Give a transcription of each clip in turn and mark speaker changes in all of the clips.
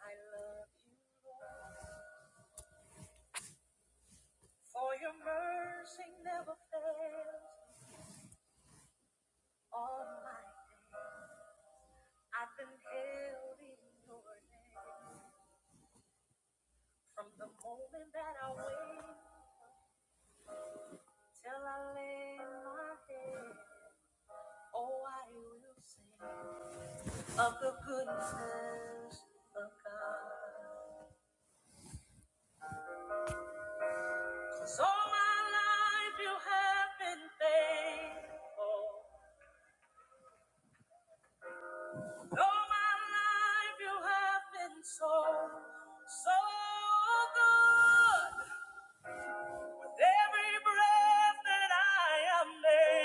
Speaker 1: I love you, Lord, for your mercy never fails. All my, I've been held in your name from the moment that I wake till I lay my head. Oh, I will sing of the goodness of God. 'Cause all my life you have been faithful. All my life you have been so, so good. With every breath that I am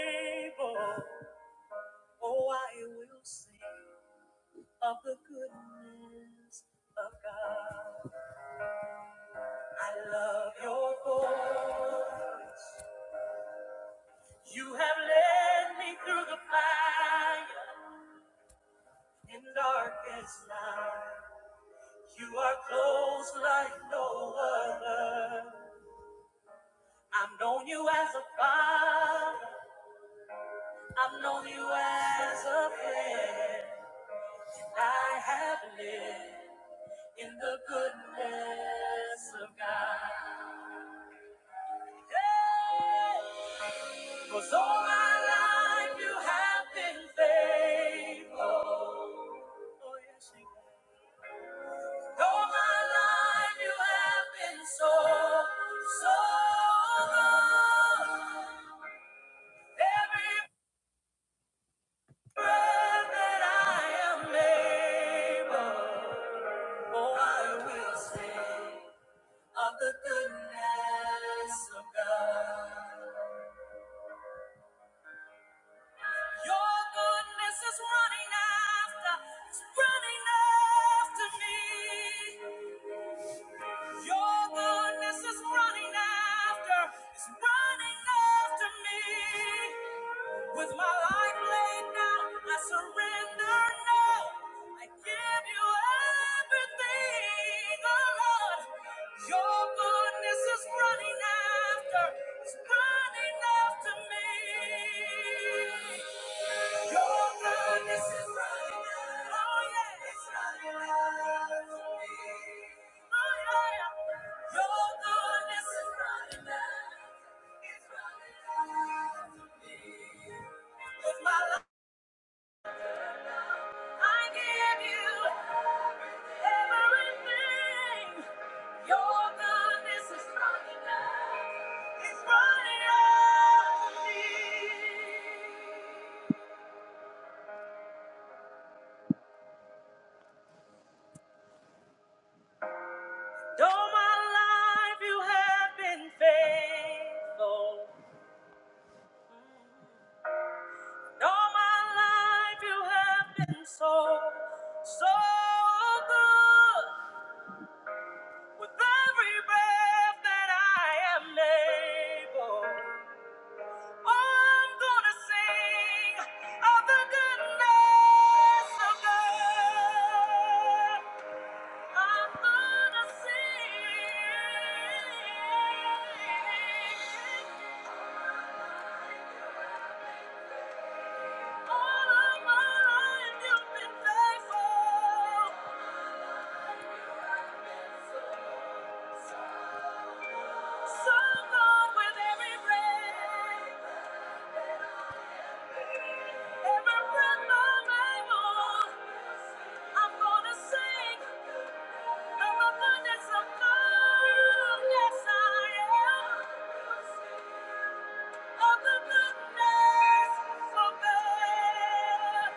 Speaker 1: able, oh, I will sing of the goodness of God. I love your voice. You have led me through the fire in darkest night. You are close like no other. I've known you as a father. I've known you as a friend. I have lived in the goodness of God. Hey! Cause all my life you have been faithful. Oh, yes, you have. All my life you have been so, so good. Every. Running after, it's running after me. Your goodness is running after, it's running after me. With my life laid down, I surrender now. I give you everything, oh Lord. Your goodness is running after, it's running after me. It's running out of me. all my life you have been faithful. Mm. all my life you have been so, so good. With every breath that I am able, oh, I'm gonna sing of the goodness of God. I'm gonna sing. of the Yes, I am.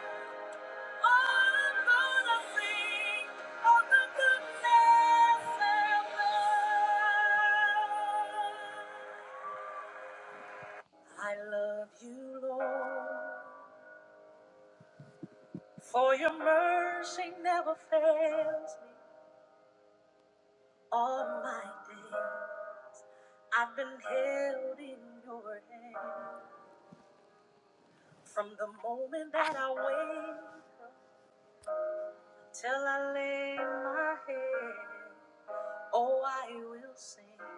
Speaker 1: I love you, Lord, for your mercy never fails me all my days. I've been held in your hand from the moment that I wake up till I lay my head. Oh, I will sing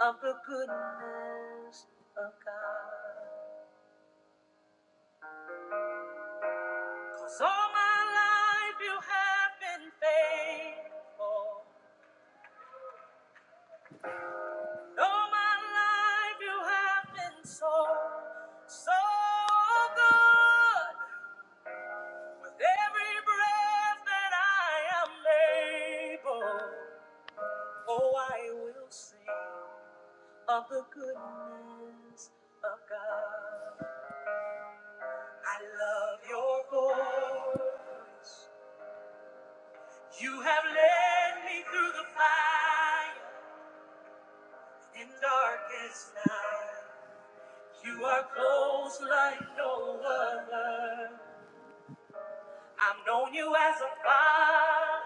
Speaker 1: of the goodness of God, 'cause all my life you have been faithful. All my life you have been so, so good. With every breath that I am able, oh, I will sing of the goodness of God. I love your voice. You have led me through the fire and darkest night. You are close like no other. I've known you as a father.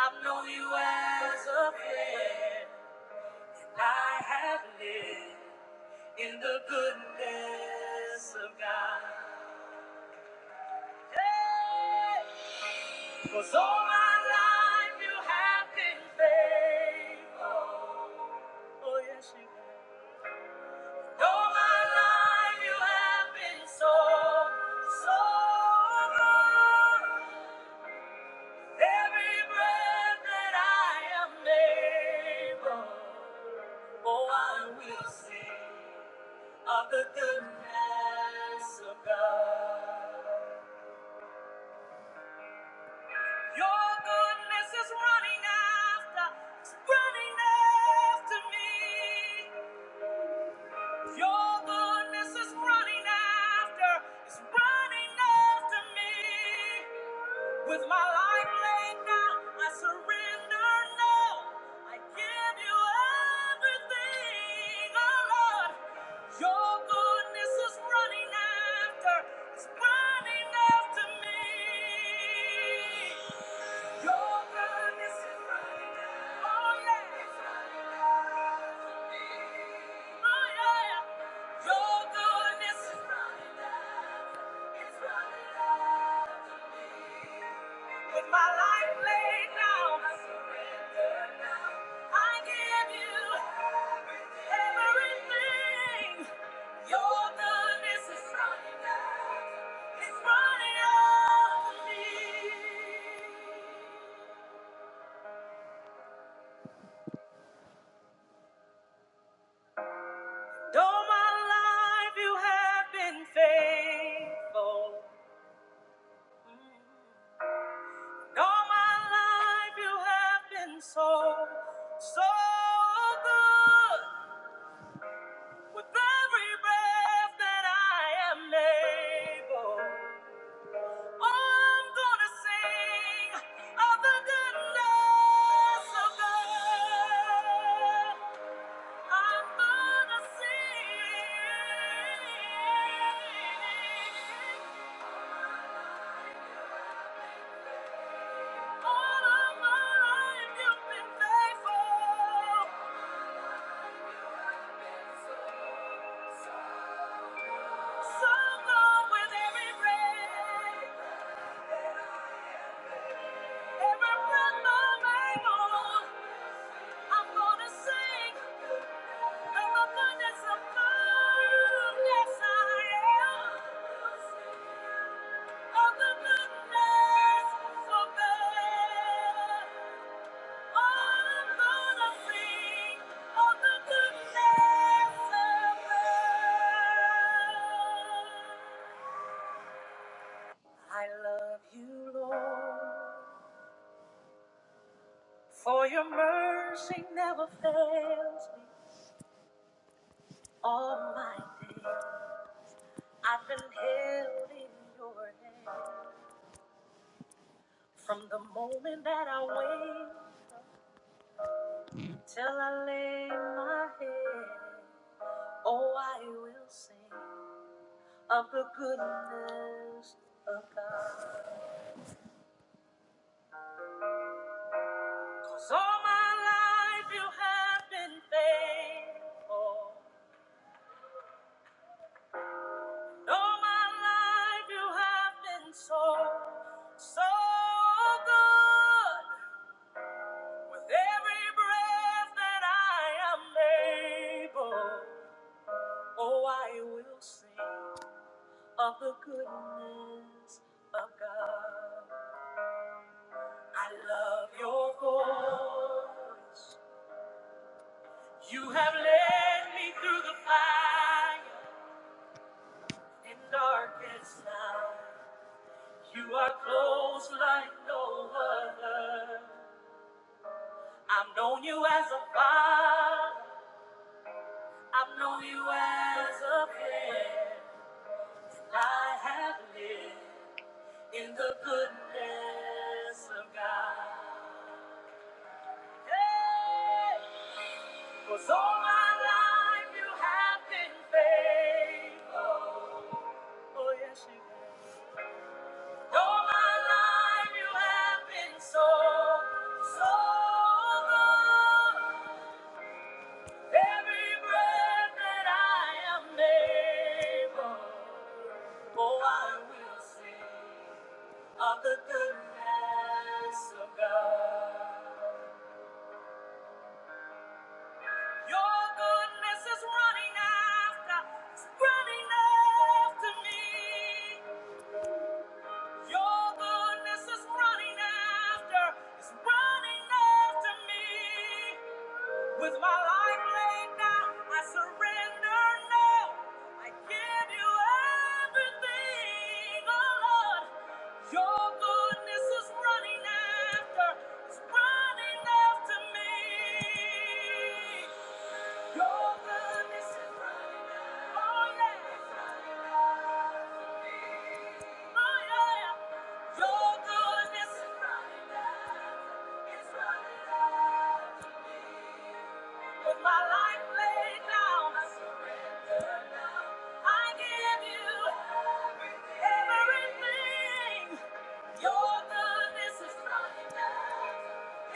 Speaker 1: I've known you as a friend. And I have lived in the goodness of God. Cause all my life you have been faithful. Oh, yes, you have. All my life you have been so, so good. Every breath that I am able, oh, I will sing of the goodness of God. Your goodness is running after, it's running after me. Your goodness is running after, it's running after me. With my life laid down, I surrender now. I give you everything, oh Lord. Your goodness is running after, it's running after me. Your goodness is running after, oh yeah. It's running after me. Oh yeah. Your goodness is running after, it's running after me. With my life laid down, I give you everything. Your goodness is running out. It's running out of me. Though my life you have been faithful. All my life you have been so, so good. With every breath that I am able, I'm gonna sing of the goodness of God. I'm gonna sing. All of my life you've been faithful. So go with every breath, every breath I'm able. I'm gonna sing of abundance of food. Yes, I am. Of the goodness of God. Oh, I'm gonna sing of the goodness of God. I love you, Lord, for your mercy never fails me all my days. I've been held in your hand from the moment that I wake till I lay my head. Oh, I will sing of the goodness of God. 'Cause all my life you have been faithful. All my life you have been so, so good. With every breath that I am able, oh, I will sing of the goodness of God. I love your voice. You have led me through the fire and darkest night. You are close like no other. I've known you as a father. I've known you as a friend. I have lived in the goodness of God. Hey! 'Cause all my life you have been faithful. Oh, yes, you have. All my life you have been so, so good. Every breath that I am able, oh, I will sing of the goodness of God. Your goodness is running after, it's running after me. Your goodness is running after, it's running after me. With my life laid down, I surrender now. I give you everything, oh Lord. Your goodness is running after, it's running after me. Your goodness is running after, oh yeah. It's running after me. Oh yeah. Your goodness is running after, it's running after me. With my life laid down. I I give you everything. Your goodness is running out.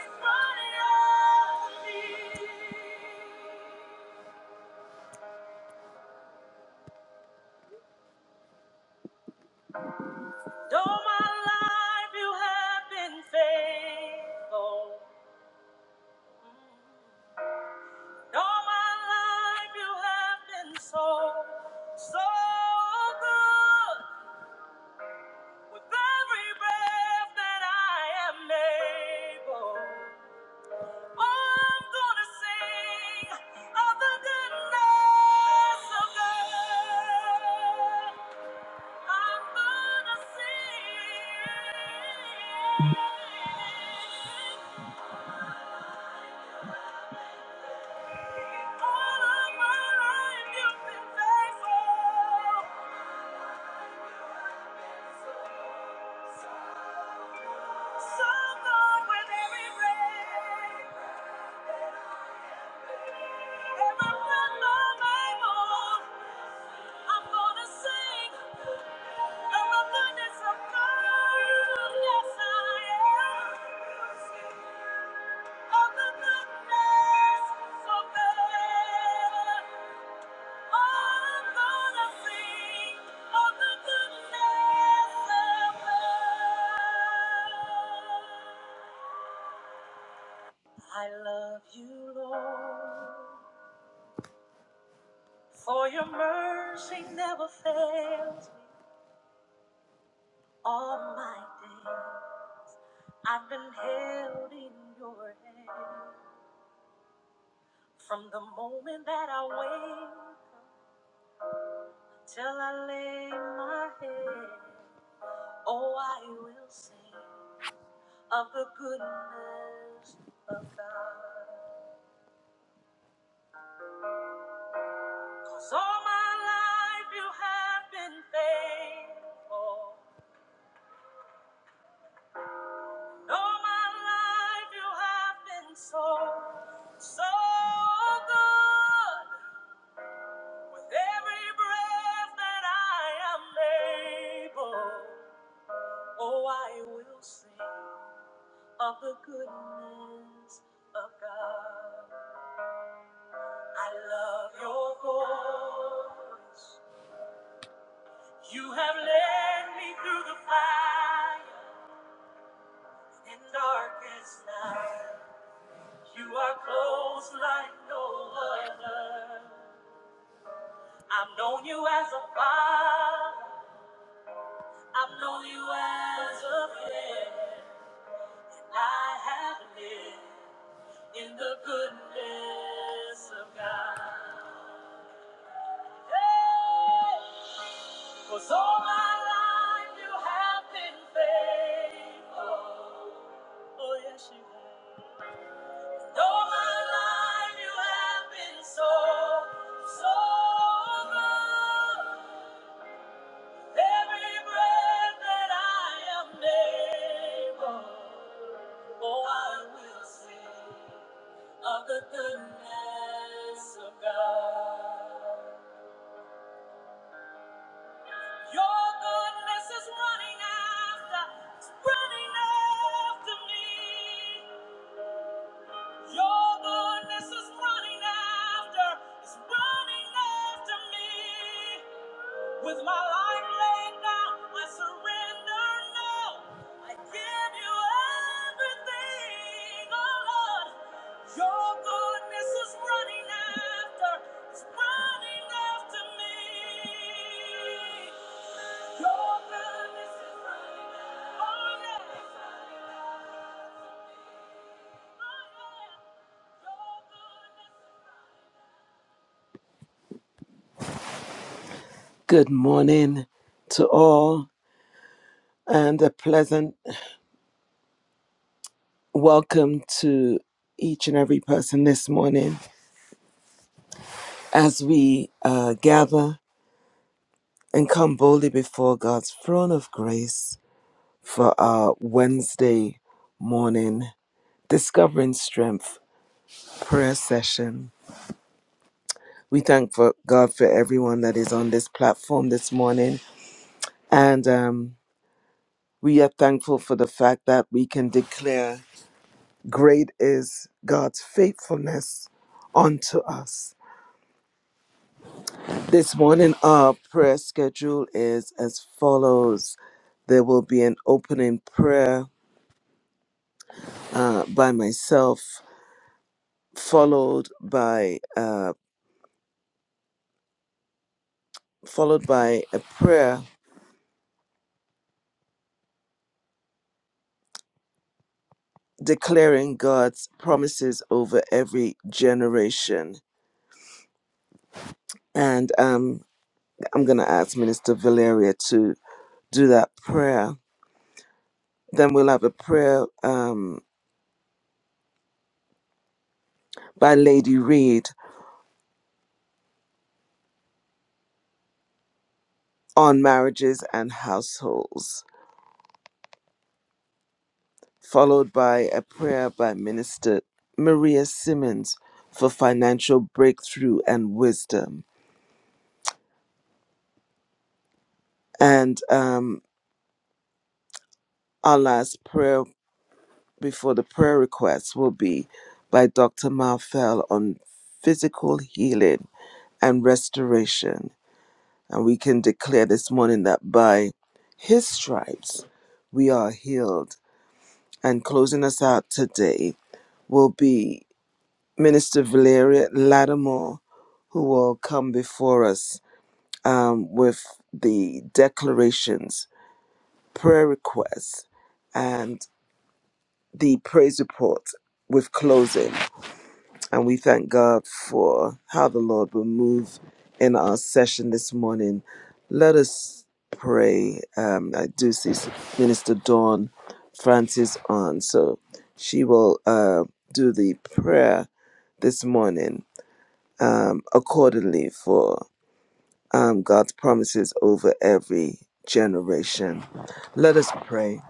Speaker 1: It's running out of me. All my life you have been faithful. All my life you have been so, so good. With every breath that I am able. I'm gonna sing of the goodness of God. I'm gonna sing. All of my life you've been faithful. So good with every breath. And my breath, my Bible. I'm gonna sing of the goodness of God. Yes, I am. I love you, Lord, for your mercy never fails. All my held in your hand. From the moment that I wake till I lay my head, Oh, I will sing of the goodness of God. 'Cause all my life you have been faithful. And all my life you have been so, so good. With every breath that I am able, oh, I will sing of the goodness of God. I love your voice. You have led me through the fire and darkest night. You are close like no other. I've known you as a father. I've known you as a friend. And I have lived in the goodness of God. Hey! Cause all my life you have been faithful. Oh, yes, you have. And all my life you have been so, so good. Every breath that I am able, oh, I will sing of the goodness of God. Your goodness is running after, it's running after me. Your goodness is running after, it's running after me. With my life laid down, I surrender now. I give you everything, oh Lord. Your goodness is running after, it's running after me. Your goodness is running Good morning to all, and a pleasant welcome to each and every person this morning as we uh, gather and come boldly before God's throne of grace for our Wednesday morning Discovering Strength prayer session. We thank for God for everyone that is on this platform this morning, and um, we are thankful for the fact that we can declare Great is God's faithfulness unto us. This morning, our prayer schedule is as follows there will be an opening prayer uh, by myself, followed by uh, followed by a prayer declaring God's promises over every generation. And um, I'm going to ask Minister Valeria to do that prayer. Then we'll have a prayer um, by Lady Reed on marriages and households, followed by a prayer by Minister Maria Simmons for financial breakthrough and wisdom. And um, our last prayer before the prayer requests will be by Dr. Marfel on physical healing and restoration. And we can declare this morning that by his stripes we are healed. And closing us out today will be Minister Valeria Lattimore, who will come before us um, with the declarations, prayer requests, and the praise report with closing. And we thank God for how the Lord will move in our session this morning. Let us pray. Um, I do see Minister Dawn Francis on, so she will uh, do the prayer this morning um, accordingly for um, God's promises over every generation. Let us pray.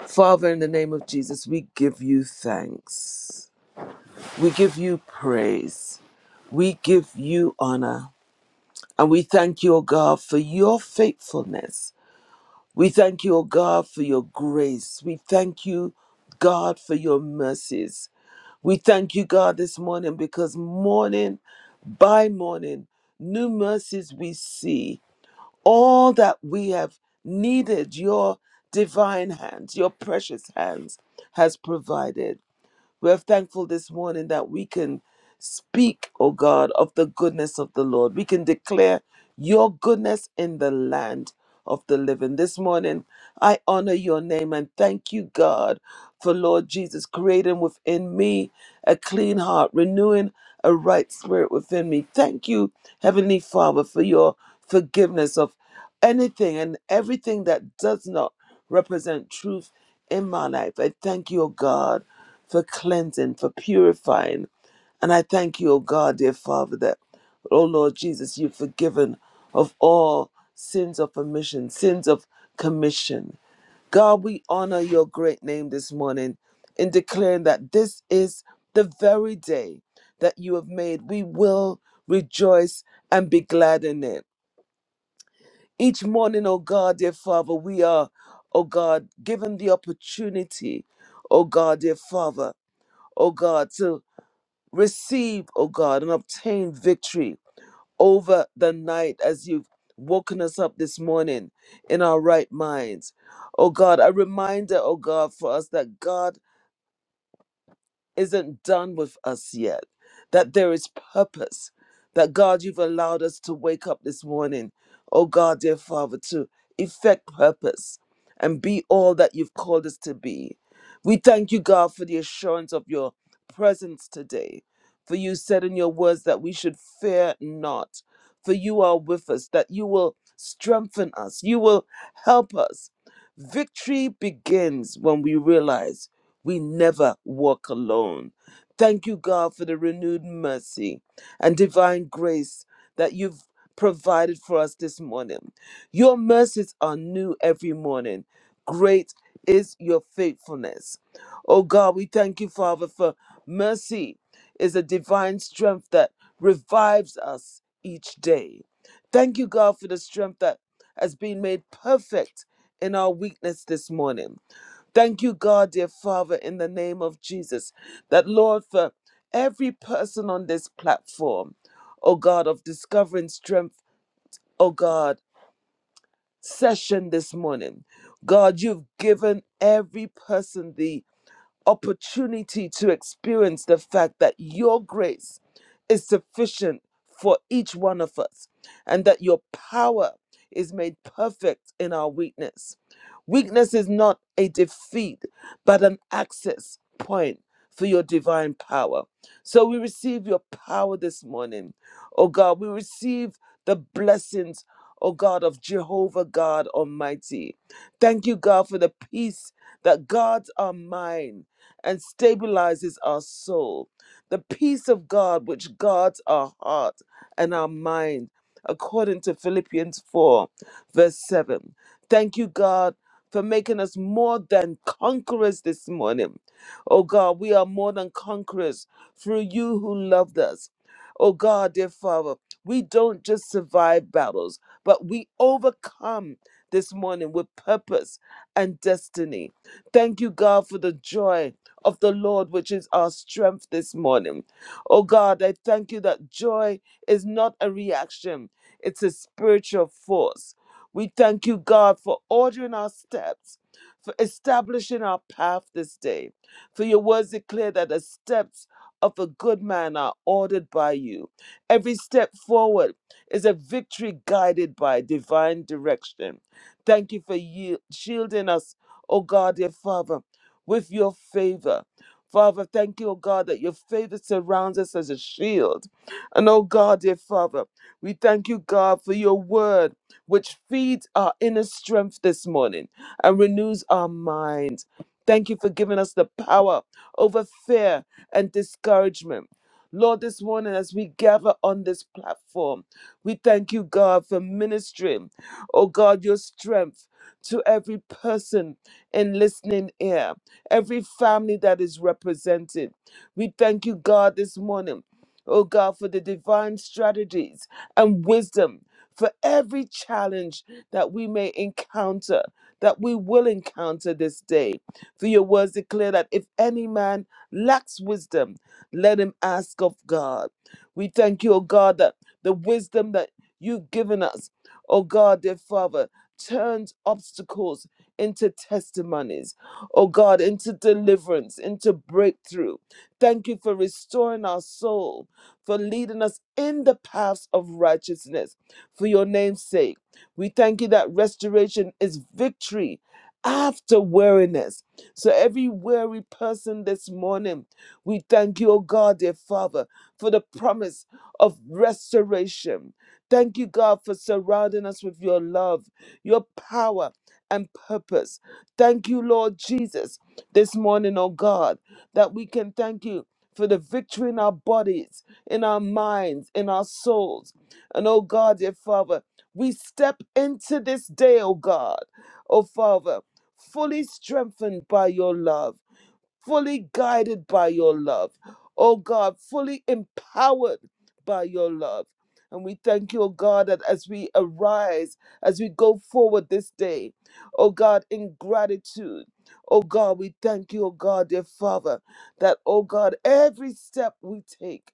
Speaker 1: Father, in the name of Jesus, we give you thanks. We give you praise. We give you honor. And we thank you, O God, for your faithfulness. We thank you, O God, for your grace. We thank you, God, for your mercies. We thank you, God, this morning because morning by morning, new mercies we see. all that we have needed, your divine hands, your precious hands has provided. We are thankful this morning that we can speak, O God, of the goodness of the Lord. We can declare your goodness in the land of the living. This morning, I honor your name and thank you, God, for Lord Jesus creating within me a clean heart, renewing a right spirit within me. Thank you, Heavenly Father, for your forgiveness of anything and everything that does not represent truth in my life. I thank you, O God, for cleansing, for purifying. And I thank you, O God, dear Father, that, O Lord Jesus, you've forgiven of all sins of omission, sins of commission. God, we honor your great name this morning in declaring that this is the very day that you have made. We will rejoice and be glad in it. Each morning, oh God, dear Father, we are, oh God, given the opportunity, oh God, dear Father, oh God, to receive, oh God, and obtain victory over the night as you've woken us up this morning in our right minds. Oh God, a reminder, oh God, for us that God isn't done with us yet, that there is purpose, that God, you've allowed us to wake up this morning, oh God, dear Father, to effect purpose and be all that you've called us to be. We thank you, God, for the assurance of your presence today. For you said in your words that we should fear not, for you are with us, that you will strengthen us, you will help us. Victory begins when we realize. We never walk alone. Thank you, God, for the renewed mercy and divine grace that you've provided for us this morning. Your mercies are new every morning. Great is your faithfulness. Oh God, we thank you, Father, for mercy is a divine strength that revives us each day. Thank you, God, for the strength that has been made perfect in our weakness this morning. Thank you, God, dear Father, in the name of Jesus, that Lord, for every person on this platform, oh God, of discovering strength, oh God, session this morning. God, you've given every person the opportunity to experience the fact that your grace is sufficient for each one of us and that your power is made perfect in our weakness. Weakness is not a defeat, but an access point for your divine power. So we receive your power this morning, oh God. We receive the blessings, oh God, of Jehovah God Almighty. Thank you, God, for the peace that guards our mind and stabilizes our soul. The peace of God, which guards our heart and our mind, according to Philippians 4, verse 7. Thank you, God, for making us more than conquerors this morning. Oh God, we are more than conquerors through you who loved us. Oh God, dear Father, we don't just survive battles, but we overcome this morning with purpose and destiny. Thank you, God, for the joy of the Lord, which is our strength this morning. Oh God, I thank you that joy is not a reaction, it's a spiritual force. We thank you, God, for ordering our steps, for establishing our path this day. For your words declare that the steps of a good man are ordered by you. Every step forward is a victory guided by divine direction. Thank you for you shielding us, O God, dear Father with your favor. Father, thank you, O God, that your favor surrounds us as a shield. And oh God, dear Father, we thank you, God, for your word, which feeds our inner strength this morning and renews our minds. Thank you for giving us the power over fear and discouragement. Lord, this morning, as we gather on this platform, we thank you, God, for ministering. Oh God, your strength to every person in listening ear, every family that is represented. We thank you, God, this morning, oh God, for the divine strategies and wisdom for every challenge that we may encounter, that we will encounter this day. For your words declare that if any man lacks wisdom, let him ask of God. We thank you, O God, that the wisdom that you've given us, O God, dear Father turns obstacles into testimonies, oh God, into deliverance, into breakthrough. Thank you for restoring our soul, for leading us in the paths of righteousness for your name's sake. We thank you that restoration is victory after weariness. So, every weary person this morning, we thank you, oh God, dear Father, for the promise of restoration. Thank you, God, for surrounding us with your love, your power, and purpose. Thank you, Lord Jesus, this morning, oh God, that we can thank you for the victory in our bodies, in our minds, in our souls. And oh God, dear Father, we step into this day, oh God, oh Father, fully strengthened by your love fully guided by your love. Oh God, fully empowered by your love. And we thank you, oh God, that as we arise, as we go forward this day, oh God, in gratitude, oh God, we thank you, oh God, dear Father, that, oh God, every step we take,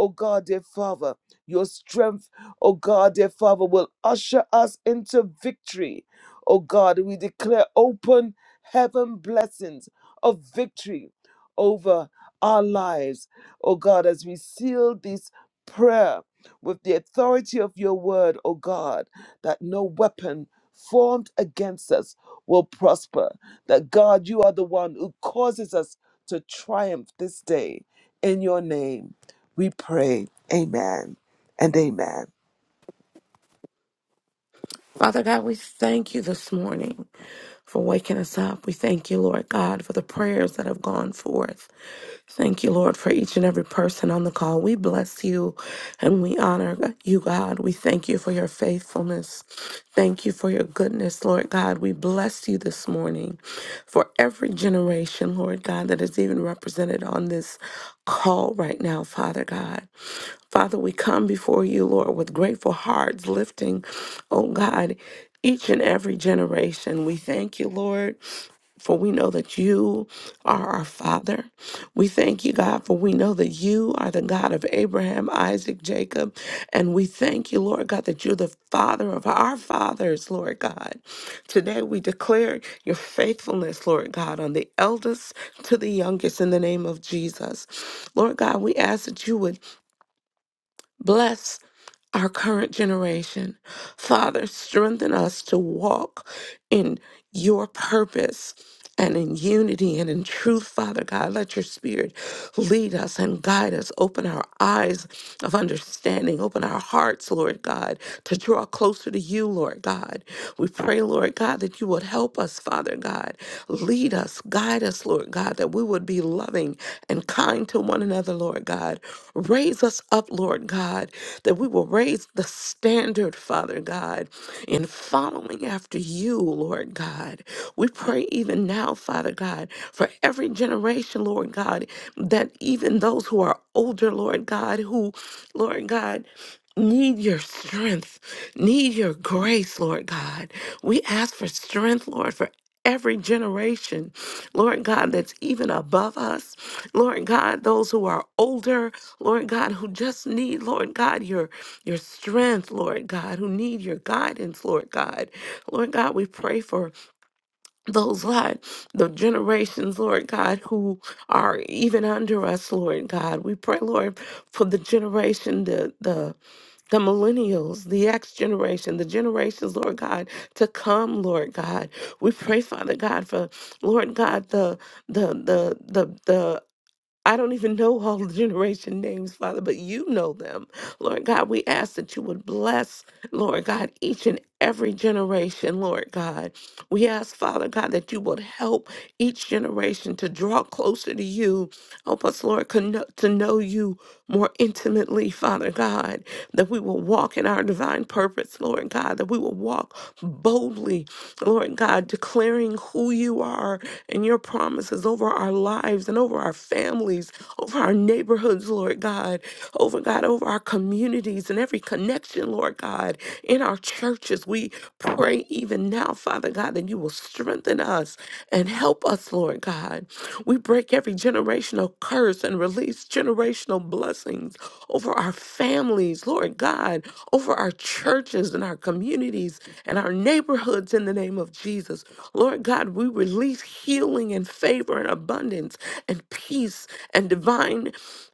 Speaker 1: oh God, dear Father, your strength, oh God, dear Father, will usher us into victory. Oh God, we declare open heaven blessings of victory over our lives. Oh God, as we seal this prayer with the authority of your word, oh God, that no weapon formed against us will prosper. That God, you are the one who causes us to triumph this day. In your name, we pray. Amen and amen.
Speaker 2: Father God, we thank you this morning for waking us up. We thank you, Lord God, for the prayers that have gone forth. Thank you, Lord, for each and every person on the call. We bless you and we honor you, God. We thank you for your faithfulness. Thank you for your goodness, Lord God. We bless you this morning for every generation, Lord God, that is even represented on this call right now, Father God. Father, we come before you, Lord, with grateful hearts, lifting, oh God, each and every generation. We thank you, Lord. For we know that you are our Father. We thank you, God, for we know that you are the God of Abraham, Isaac, Jacob. And we thank you, Lord God, that you're the Father of our fathers, Lord God. Today we declare your faithfulness, Lord God, on the eldest to the youngest in the name of Jesus. Lord God, we ask that you would Bless our current generation. Father, strengthen us to walk in your purpose and in unity and in truth, Father God. Let your spirit lead us and guide us. Open our eyes of understanding. Open our hearts, Lord God, to draw closer to you, Lord God. We pray, Lord God, that you would help us, Father God. Lead us, guide us, Lord God, that we would be loving and kind to one another, Lord God. Raise us up, Lord God, that we will raise the standard, Father God, in following after you, Lord God. We pray even now, Father God, for every generation, Lord God, that even those who are older, Lord God, who, Lord God, need your strength, need your grace, Lord God. We ask for strength, Lord, for every generation, Lord God, that's even above us. Lord God, those who are older, Lord God, who just need, Lord God, your your strength, Lord God, who need your guidance, Lord God. Lord God, we pray for those, Lord, the generations, Lord God, who are even under us, Lord God. We pray, Lord, for the generation, the the the millennials, the X generation, the generations, Lord God, to come, Lord God. We pray, Father God, for Lord God, the the the the the I don't even know all the generation names, Father, but you know them. Lord God, we ask that you would bless, Lord God, each and every generation, Lord God. We ask, Father God, that you would help each generation to draw closer to you. Help us, Lord, con- to know you more intimately, Father God, that we will walk in our divine purpose, Lord God, that we will walk boldly Lord God, declaring who you are and your promises over our lives and over our families, over our neighborhoods, Lord God, over God, over our communities and every connection, Lord God, in our churches. We pray even now, Father God, that you will strengthen us and help us, Lord God. We break every generational curse and release generational blessings over our families, Lord God, over our churches and our our communities and our neighborhoods in the name of Jesus. Lord God, we release healing and favor and abundance and peace and divine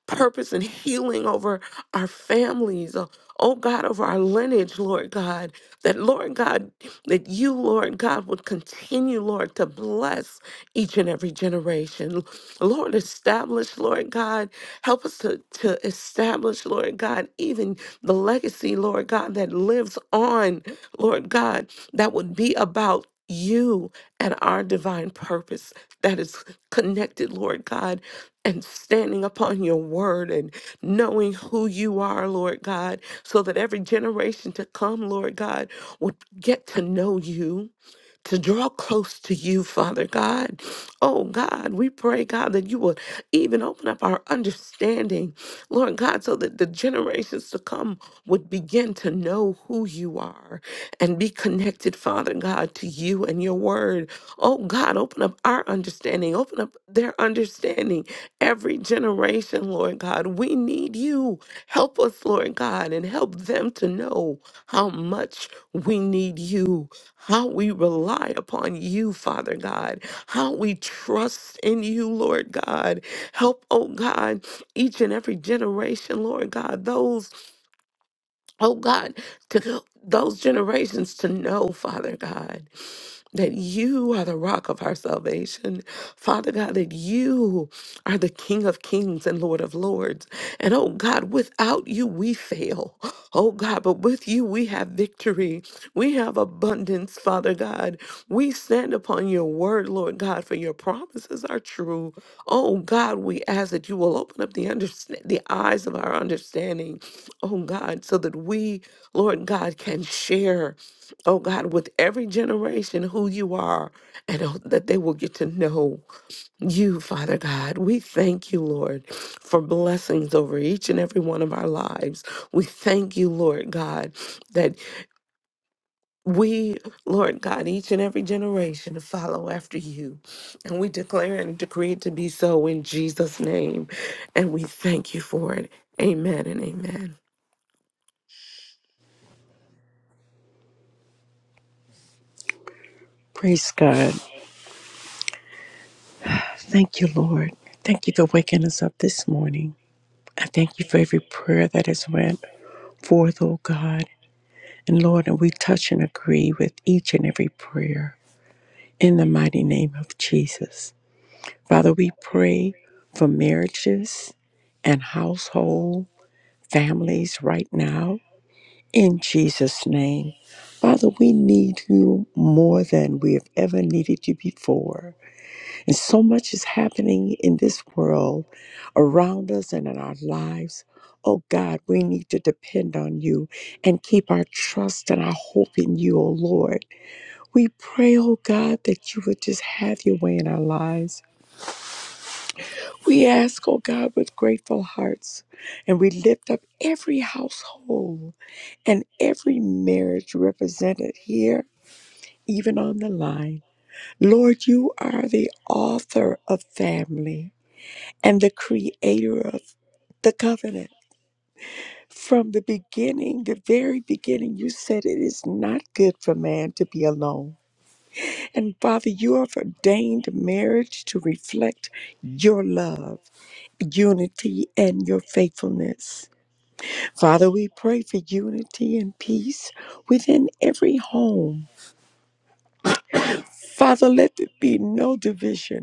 Speaker 2: purpose and healing over our families. Oh oh God, over our lineage, Lord God, that Lord God, that you, Lord God, would continue, Lord, to bless each and every generation. Lord, establish, Lord God, help us to, to establish, Lord God, even the legacy, Lord God, that lives on, Lord God, that would be about you and our divine purpose that is connected, Lord God, and standing upon your word and knowing who you are, Lord God, so that every generation to come, Lord God, would get to know you to draw close to you, Father God. Oh God, we pray, God, that you would even open up our understanding, Lord God, so that the generations to come would begin to know who you are and be connected, Father God, to you and your word. Oh God, open up our understanding, open up their understanding. Every generation, Lord God, we need you. Help us, Lord God, and help them to know how much we need you how we rely upon you, Father God, how we trust in you, Lord God. Help, oh God, each and every generation, Lord God, those, oh God, to those generations to know, Father God that you are the rock of our salvation. Father God, that you are the King of kings and Lord of lords. And oh God, without you, we fail. Oh God, but with you, we have victory. We have abundance, Father God. We stand upon your word, Lord God, for your promises are true. Oh God, we ask that you will open up the, understand- the eyes of our understanding, oh God, so that we, Lord God, can share oh God, with every generation who you are, and oh, that they will get to know you, Father God. We thank you, Lord, for blessings over each and every one of our lives. We thank you, Lord God, that we, Lord God, each and every generation follow after you. And we declare and decree it to be so in Jesus' name. And we thank you for it. Amen and amen.
Speaker 3: Praise God. Thank you, Lord. Thank you for waking us up this morning. I thank you for every prayer that has went forth, O God. And Lord, and we touch and agree with each and every prayer in the mighty name of Jesus. Father, we pray for marriages and household families right now in Jesus' name. Father, we need you more than we have ever needed you before. And so much is happening in this world around us and in our lives. Oh God, we need to depend on you and keep our trust and our hope in you, oh Lord. We pray, oh God, that you would just have your way in our lives. We ask, oh God, with grateful hearts, and we lift up every household and every marriage represented here, even on the line. Lord, you are the author of family. and the creator of the covenant. From the beginning, the very beginning, you said it is not good for man to be alone. And Father, you have ordained marriage to reflect your love, unity, and your faithfulness. Father, we pray for unity and peace within every home. Father, let there be no division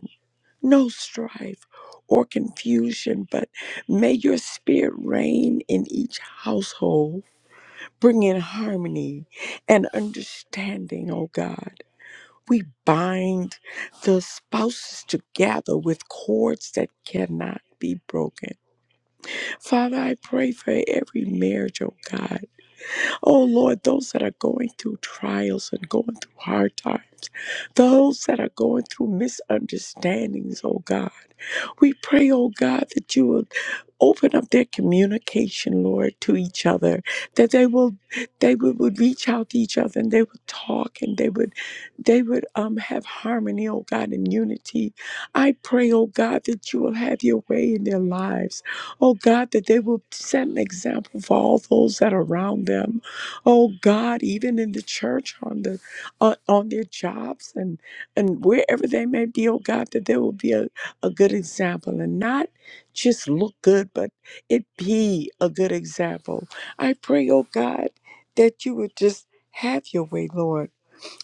Speaker 3: no strife or confusion, but may your spirit reign in each household. Bring in harmony and understanding, O God. We bind the spouses together with cords that cannot be broken. Father, I pray for every marriage, O God Oh Lord, those that are going through trials and going through hard times, those that are going through misunderstandings, oh God, we pray, oh God, that you will open up their communication, Lord, to each other, that they will they would, would reach out to each other and they would talk and they would they would um have harmony, oh God, and unity. I pray, oh God, that you will have your way in their lives. Oh God, that they will set an example for all those that are around them oh God, even in the church, on the on, on their jobs and and wherever they may be, oh God, that there will be a, a good example and not just look good, but it be a good example. I pray, oh God, that you would just have your way, Lord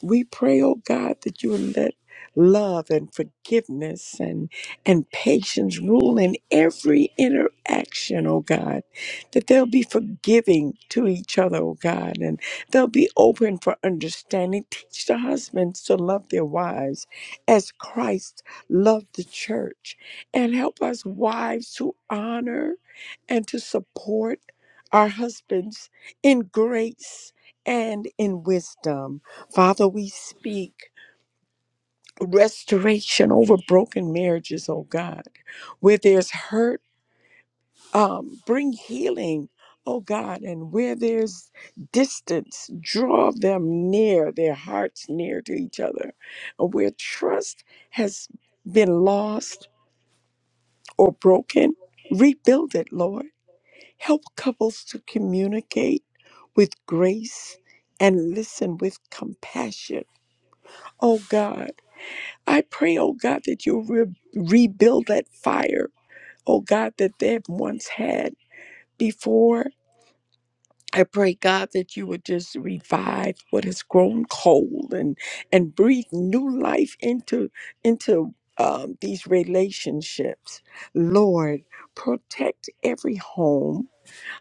Speaker 3: we pray, oh God, that you would let love and forgiveness and, and patience rule in every interaction, oh God, that they'll be forgiving to each other, oh God, and they'll be open for understanding. Teach the husbands to love their wives as Christ loved the church, and help us wives to honor and to support our husbands in grace and in wisdom. Father, we speak restoration over broken marriages, oh God. Where there's hurt, um, bring healing, oh God. And where there's distance, draw them near, their hearts near to each other. And where trust has been lost or broken, rebuild it, Lord. Help couples to communicate with grace and listen with compassion. Oh God I pray, oh God, that you re- rebuild that fire, oh God, that they've once had before. I pray, God, that you would just revive what has grown cold and and breathe new life into into um, these relationships. Lord, protect every home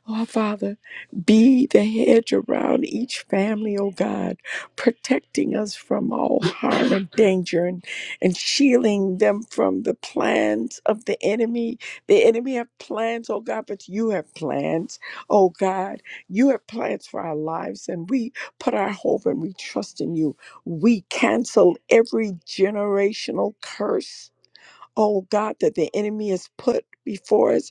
Speaker 3: Oh, Father, be the hedge around each family, oh God, protecting us from all harm and danger and, and shielding them from the plans of the enemy. The enemy have plans, oh God, but you have plans, oh God. You have plans for our lives, and we put our hope and we trust in you. We cancel every generational curse, oh God, that the enemy has put before us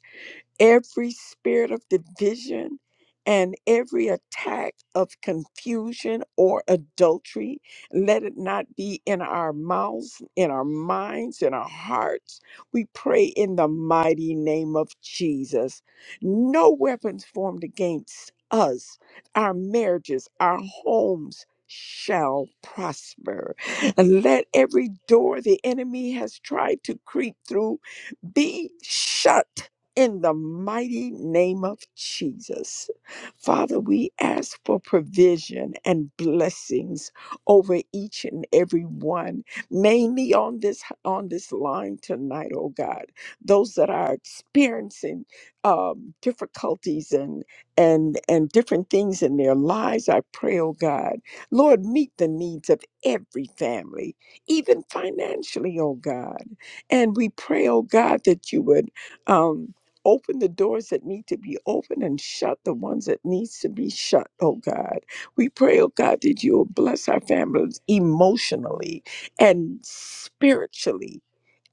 Speaker 3: every spirit of division and every attack of confusion or adultery. Let it not be in our mouths, in our minds, in our hearts. We pray in the mighty name of Jesus. No weapons formed against us, our marriages, our homes. Shall prosper. And let every door the enemy has tried to creep through be shut in the mighty name of Jesus. Father, we ask for provision and blessings over each and every one, mainly on this on this line tonight, oh God. Those that are experiencing um, difficulties and and and different things in their lives, I pray, oh God, Lord, meet the needs of every family, even financially, oh God. And we pray, oh God, that you would um, open the doors that need to be opened and shut the ones that needs to be shut, oh God. We pray, oh God, that you will bless our families emotionally and spiritually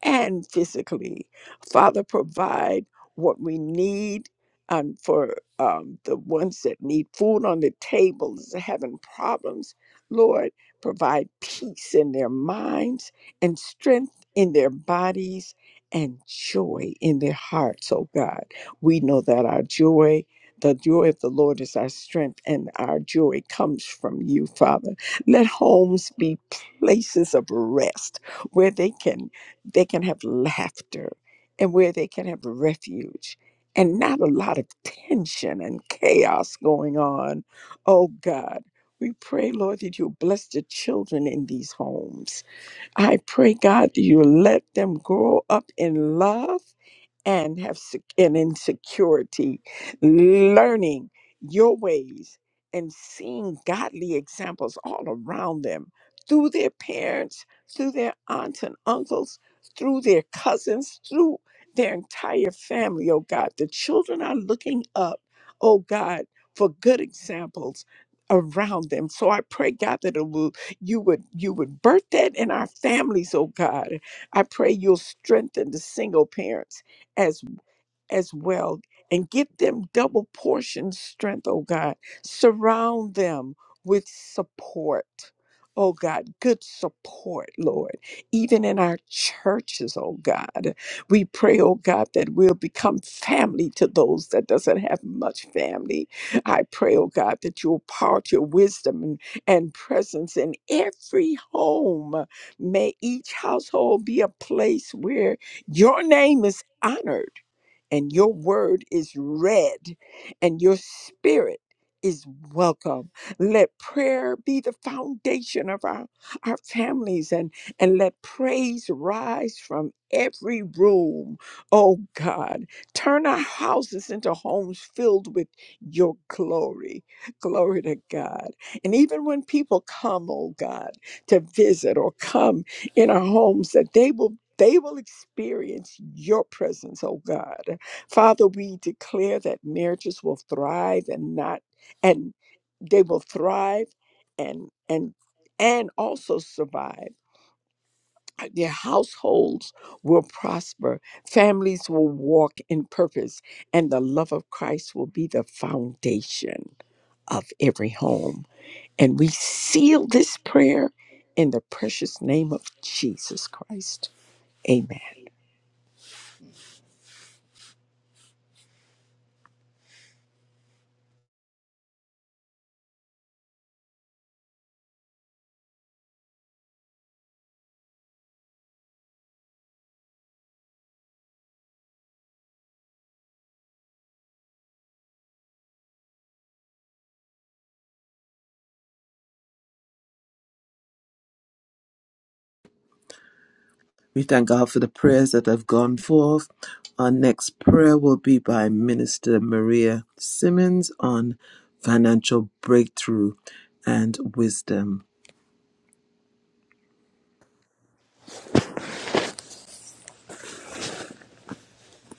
Speaker 3: and physically. Father, provide what we need um, for um, the ones that need food on the tables, having problems. Lord, provide peace in their minds and strength in their bodies and joy in their hearts, oh God. We know that our joy. The joy of the Lord is our strength, and our joy comes from you, Father. Let homes be places of rest where they can they can have laughter and where they can have refuge and not a lot of tension and chaos going on. Oh God, we pray, Lord, that you bless the children in these homes. I pray, God, that you let them grow up in love and have sec- and insecurity, learning your ways and seeing godly examples all around them through their parents, through their aunts and uncles, through their cousins, through their entire family. Oh God, the children are looking up, oh God, for good examples around them. So I pray God that it will you would you would birth that in our families, oh God. I pray you'll strengthen the single parents as as well and give them double portion strength oh god surround them with support oh god good support lord even in our churches oh god we pray oh god that we'll become family to those that doesn't have much family i pray oh god that you'll pour out your wisdom and, and presence in every home may each household be a place where your name is honored and your word is read, and your spirit is welcome. Let prayer be the foundation of our, our families and, and let praise rise from every room. Oh God, turn our houses into homes filled with your glory. Glory to God. And even when people come, oh God, to visit or come in our homes, that they will they will experience your presence, oh God. Father, we declare that marriages will thrive and not and they will thrive and and and also survive. Their households will prosper, families will walk in purpose, and the love of Christ will be the foundation of every home. And we seal this prayer in the precious name of Jesus Christ. Amen.
Speaker 1: We thank God for the prayers that have gone forth. Our next prayer will be by Minister Maria Simmons on financial breakthrough and wisdom.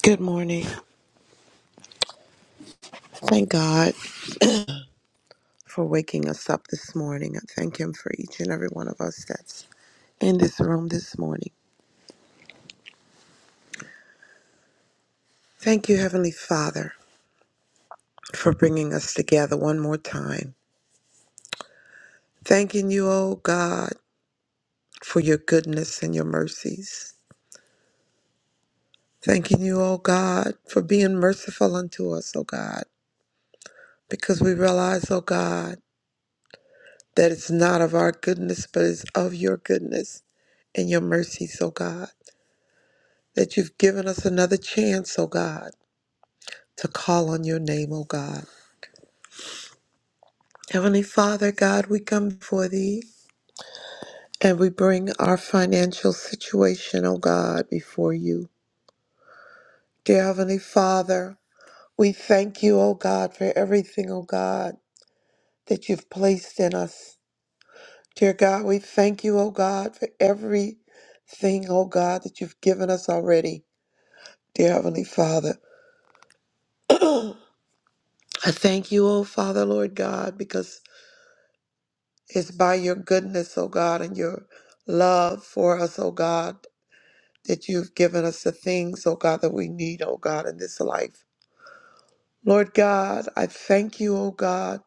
Speaker 4: Good morning. Thank God for waking us up this morning. I thank Him for each and every one of us that's in this room this morning. Thank you, Heavenly Father, for bringing us together one more time. Thanking you, O God, for your goodness and your mercies. Thanking you, O God, for being merciful unto us, O God, because we realize, O God, that it's not of our goodness, but it's of your goodness and your mercies, O God. that you've given us another chance, O God, to call on your name, O God. Heavenly Father, God, we come before thee and we bring our financial situation, O God, before you. Dear Heavenly Father, we thank you, O God, for everything, O God, that you've placed in us. Dear God, we thank you, O God, for everything, O God, that you've given us already. Dear Heavenly Father, I thank you, O Father, Lord God, because It's by your goodness, O God, and your love for us, O God, that you've given us the things, O God, that we need, O God, in this life. Lord God, I thank you, O God,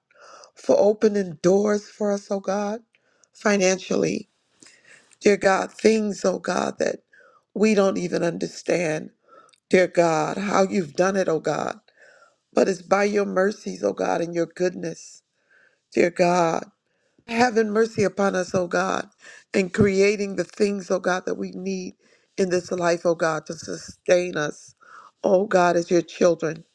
Speaker 4: for opening doors for us, O God, financially. Dear God, things, O God, that we don't even understand. Dear God, how you've done it, O God. But it's by your mercies, O God, and your goodness. Dear God, Having mercy upon us, O God, and creating the things, O God, that we need in this life, O God, to sustain us, O God, as your children.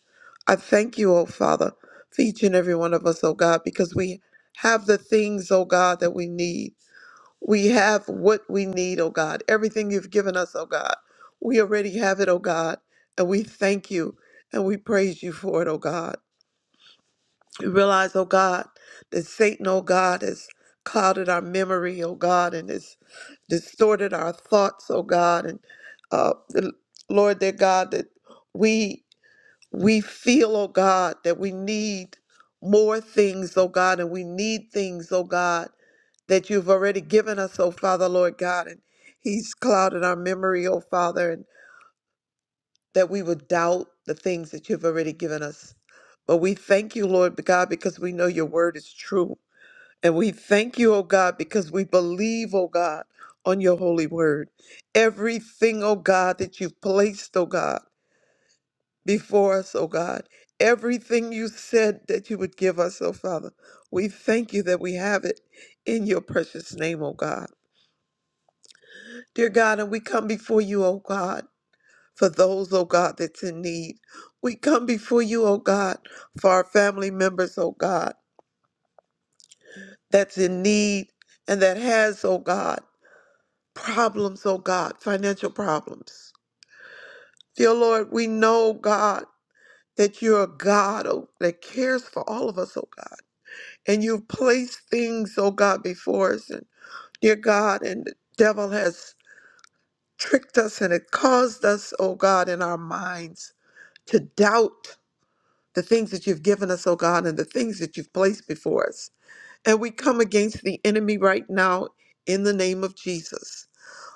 Speaker 4: I thank you, O Father, for each and every one of us, O God, because we have the things, O God, that we need. We have what we need, O God. Everything you've given us, O God. We already have it, O God, and we thank you and we praise you for it, O God. We realize, oh God, that Satan, oh God, has clouded our memory, oh God, and has distorted our thoughts, oh God, and uh, the- Lord, dear God, that we we feel, oh God, that we need more things, oh God, and we need things, oh God, that you've already given us, oh Father, Lord God, and He's clouded our memory, oh Father, and that we would doubt the things that you've already given us. But we thank you, Lord God, because we know your word is true. And we thank you, oh God, because we believe, oh God, on your holy word. Everything, oh God, that you've placed, oh God, before us, oh God. Everything you said that you would give us, oh Father. We thank you that we have it in your precious name, oh God. Dear God, and we come before you, oh God, for those, oh God, that's in need. We come before you, oh God, for our family members, oh God, that's in need and that has, oh God. problems, oh God, financial problems. Dear Lord, we know, God, that you're a God oh, that cares for all of us, oh God. And you've placed things, oh God, before us. And dear God, and the devil has tricked us and it caused us, oh God, in our minds to doubt the things that you've given us, oh God, and the things that you've placed before us. And we come against the enemy right now in the name of Jesus.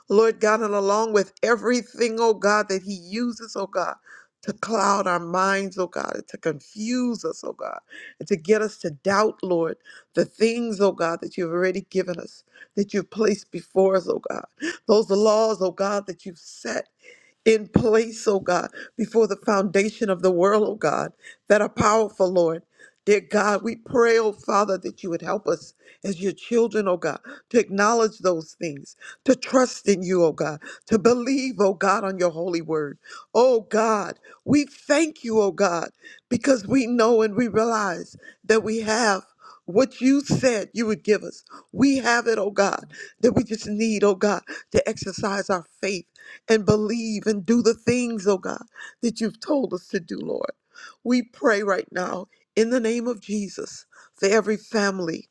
Speaker 4: Lord God, and along with everything, oh God, that He uses, oh God, to cloud our minds, oh God, and to confuse us, oh God, and to get us to doubt, Lord, the things, oh God, that you've already given us, that you've placed before us, oh God, those laws, oh God, that you've set in place, oh God, before the foundation of the world, oh God, that are powerful, Lord. Dear God, we pray, oh Father, that you would help us as your children, oh God, to acknowledge those things, to trust in you, oh God, to believe, oh God, on your holy word. Oh God, we thank you, oh God, because we know and we realize that we have what you said you would give us. We have it, oh God, that we just need, oh God, to exercise our faith and believe and do the things, oh God, that you've told us to do, Lord. We pray right now in the name of Jesus for every family.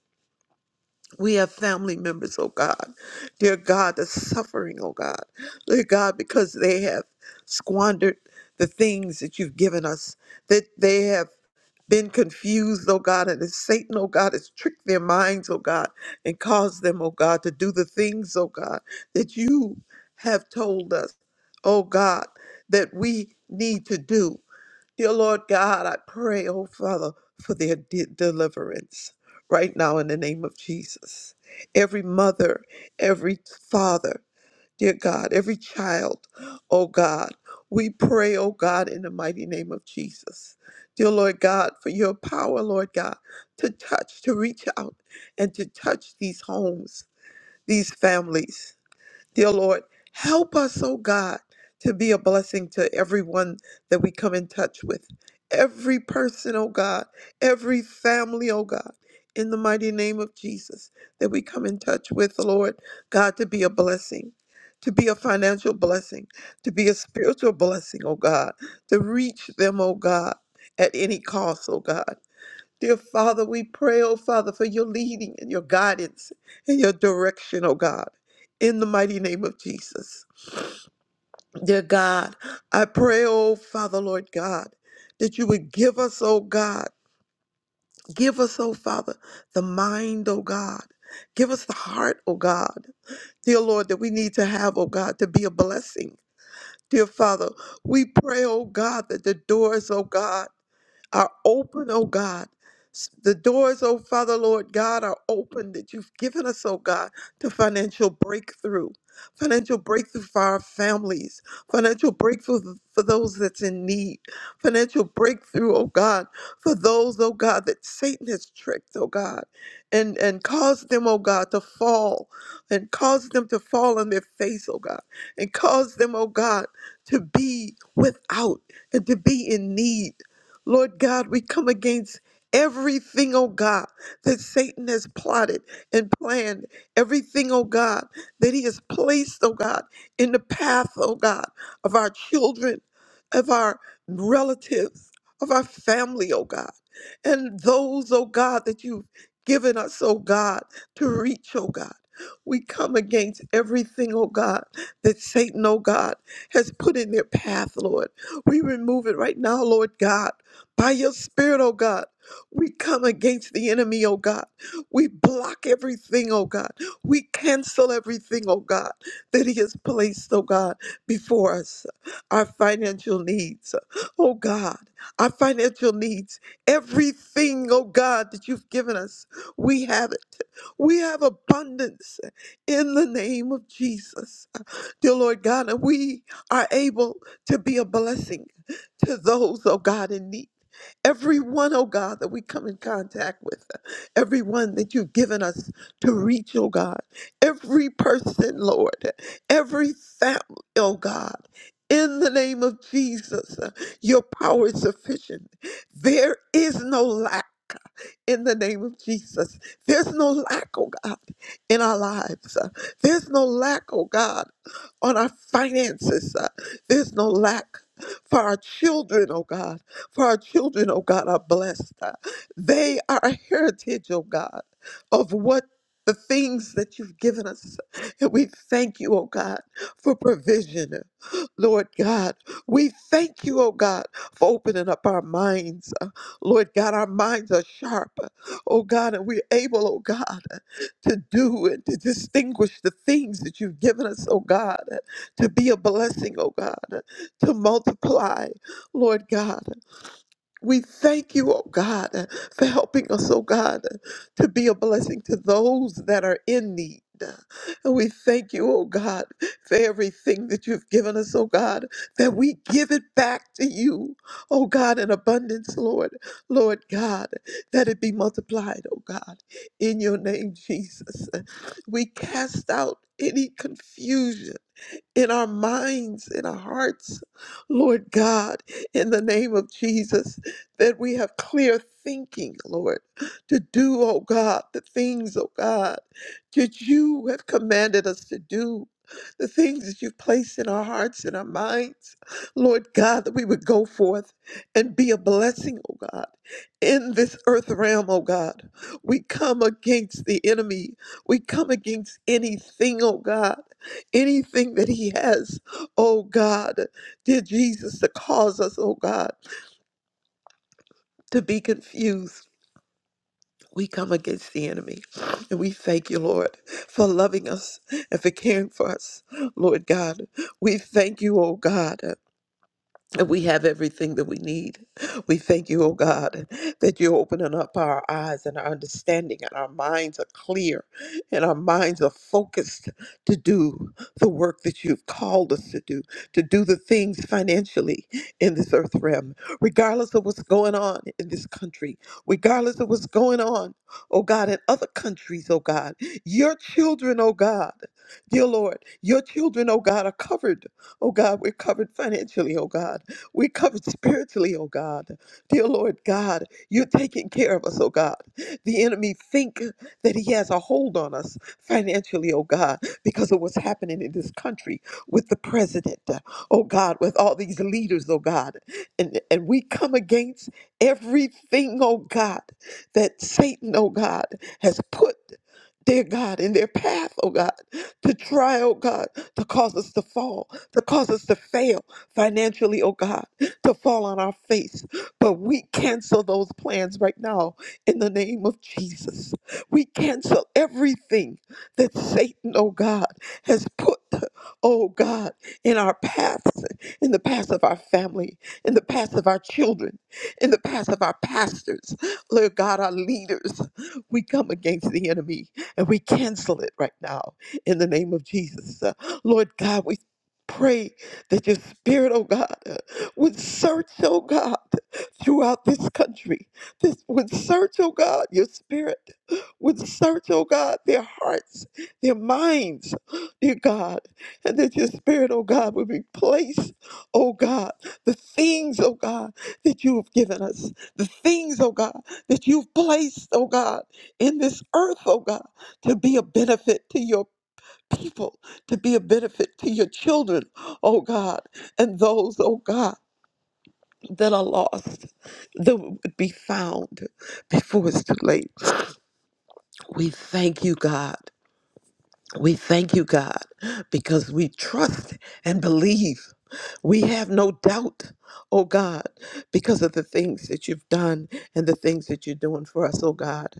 Speaker 4: We have family members, oh God, dear God, that's suffering, oh God, dear God, because they have squandered the things that you've given us, that they have been confused, oh God, and it's Satan, oh God, has tricked their minds, oh God, and caused them, oh God, to do the things, oh God, that you have told us, oh God, that we need to do. Dear Lord God, I pray, oh Father, for their de- deliverance right now in the name of Jesus. Every mother, every father, Dear God, every child, oh God, we pray, oh God, in the mighty name of Jesus. Dear Lord God, for your power, Lord God, to touch, to reach out and to touch these homes, these families. Dear Lord, help us, oh God, to be a blessing to everyone that we come in touch with. Every person, oh God, every family, oh God, in the mighty name of Jesus that we come in touch with, Lord, God, to be a blessing, to be a financial blessing, to be a spiritual blessing, oh God, to reach them, oh God, at any cost, oh God. Dear Father, we pray, oh Father, for your leading and your guidance and your direction, oh God, in the mighty name of Jesus. Dear God, I pray, oh Father, Lord God, that you would give us, oh God, give us, oh Father, the mind, oh God, give us the heart, oh God, dear Lord, that we need to have, oh God, to be a blessing. Dear Father, we pray, oh God, that the doors, oh God, are open, oh God. S- The doors, oh Father, Lord God, are open that you've given us, oh God, to financial breakthrough. Financial breakthrough for our families. Financial breakthrough th- for those that's in need. Financial breakthrough, oh God, for those, oh God, that Satan has tricked, oh God, and, and caused them, oh God, to fall and caused them to fall on their face, oh God, and caused them, oh God, to be without and to be in need. Lord God, we come against everything, oh God, that Satan has plotted and planned, everything, oh God, that he has placed, oh God, in the path, oh God, of our children, of our relatives, of our family, oh God, and those, oh God, that you've given us, oh God, to reach, oh God. We come against everything, oh God, that Satan, oh God, has put in their path, Lord. We remove it right now, Lord God. By your spirit, oh God, we come against the enemy, oh God. We block everything, oh God. We cancel everything, oh God, that he has placed, oh God, before us. Our financial needs, oh God, our financial needs, everything, oh God, that you've given us, we have it. We have abundance in the name of Jesus. Dear Lord God, and we are able to be a blessing to those, oh God, in need. Everyone, oh God, that we come in contact with, everyone that you've given us to reach, oh God, every person, Lord, every family, oh God. In the name of Jesus, your power is sufficient. There is no lack in the name of Jesus. There's no lack, oh God, in our lives. Uh, There's no lack, oh God, on our finances. Uh, There's no lack. For our children, oh God, for our children, oh God, are blessed. Uh, They are a heritage, oh God, of what the things that you've given us. And we thank you, oh God, for provision. Lord God, we thank you, oh God, for opening up our minds Lord God, our minds are sharp, oh God, and we're able, oh God, to do and to distinguish the things that you've given us, oh God, to be a blessing, oh God, to multiply, Lord God. We thank you, oh God, uh, for helping us, oh God, uh, to be a blessing to those that are in need. Uh, And we thank you, oh God, for everything that you've given us, oh God, that we give it back to you, oh God, in abundance, Lord, Lord God, that it be multiplied, oh God, in your name, Jesus. Uh, We cast out any confusion in our minds, in our hearts, Lord God, in the name of Jesus, that we have clear thinking, Lord, to do, oh God, the things, oh God, that you have commanded us to do. The things that you've placed in our hearts and our minds, Lord God, that we would go forth and be a blessing, oh God, in this earth realm, oh God. We come against the enemy. We come against anything, oh God, anything that he has, oh God, dear Jesus, to cause us, oh God, to be confused. We come against the enemy and we thank you, Lord, for loving us and for caring for us, Lord God. We thank you, oh God. And we have everything that we need. We thank you, oh God, that you're opening up our eyes and our understanding, and our minds are clear, and our minds are focused to do the work that you've called us to do, to do the things financially in this earth realm, regardless of what's going on in this country, regardless of what's going on, oh God, in other countries, oh God. Your children, oh God, dear Lord, your children, oh God, are covered, oh God, we're covered financially, oh God. We're covered spiritually, oh God. Dear Lord God, you're taking care of us, oh God. The enemy think that he has a hold on us financially, oh God, because of what's happening in this country with the president, oh God, with all these leaders, oh God. And, and we come against everything, oh God, that Satan, oh God, has put, dear God, in their path, oh God, to try, oh God, to cause us to fall, to cause us to fail financially, oh God, to fall on our face. But we cancel those plans right now in the name of Jesus. We cancel everything that Satan, oh God, has put, oh God, in our paths, in the paths of our family, in the paths of our children, in the paths of our pastors, Lord God, our leaders. We come against the enemy and we cancel it right now in the name of Jesus. Uh, Lord God, we pray that your spirit, oh God, uh, would search, oh God, throughout this country. This would search, oh God, your spirit would search, oh God, their hearts, their minds, dear God, and that your spirit, oh God, would replace, oh God, the things, oh God, that you have given us, the things, oh God, that you've placed, oh God, in this earth, oh God, to be a benefit to your people to be a benefit to your children, oh God, and those, oh God, that are lost, that would be found before it's too late. We thank you, God. We thank you, God, because we trust and believe. We have no doubt, oh God, because of the things that you've done and the things that you're doing for us, oh God.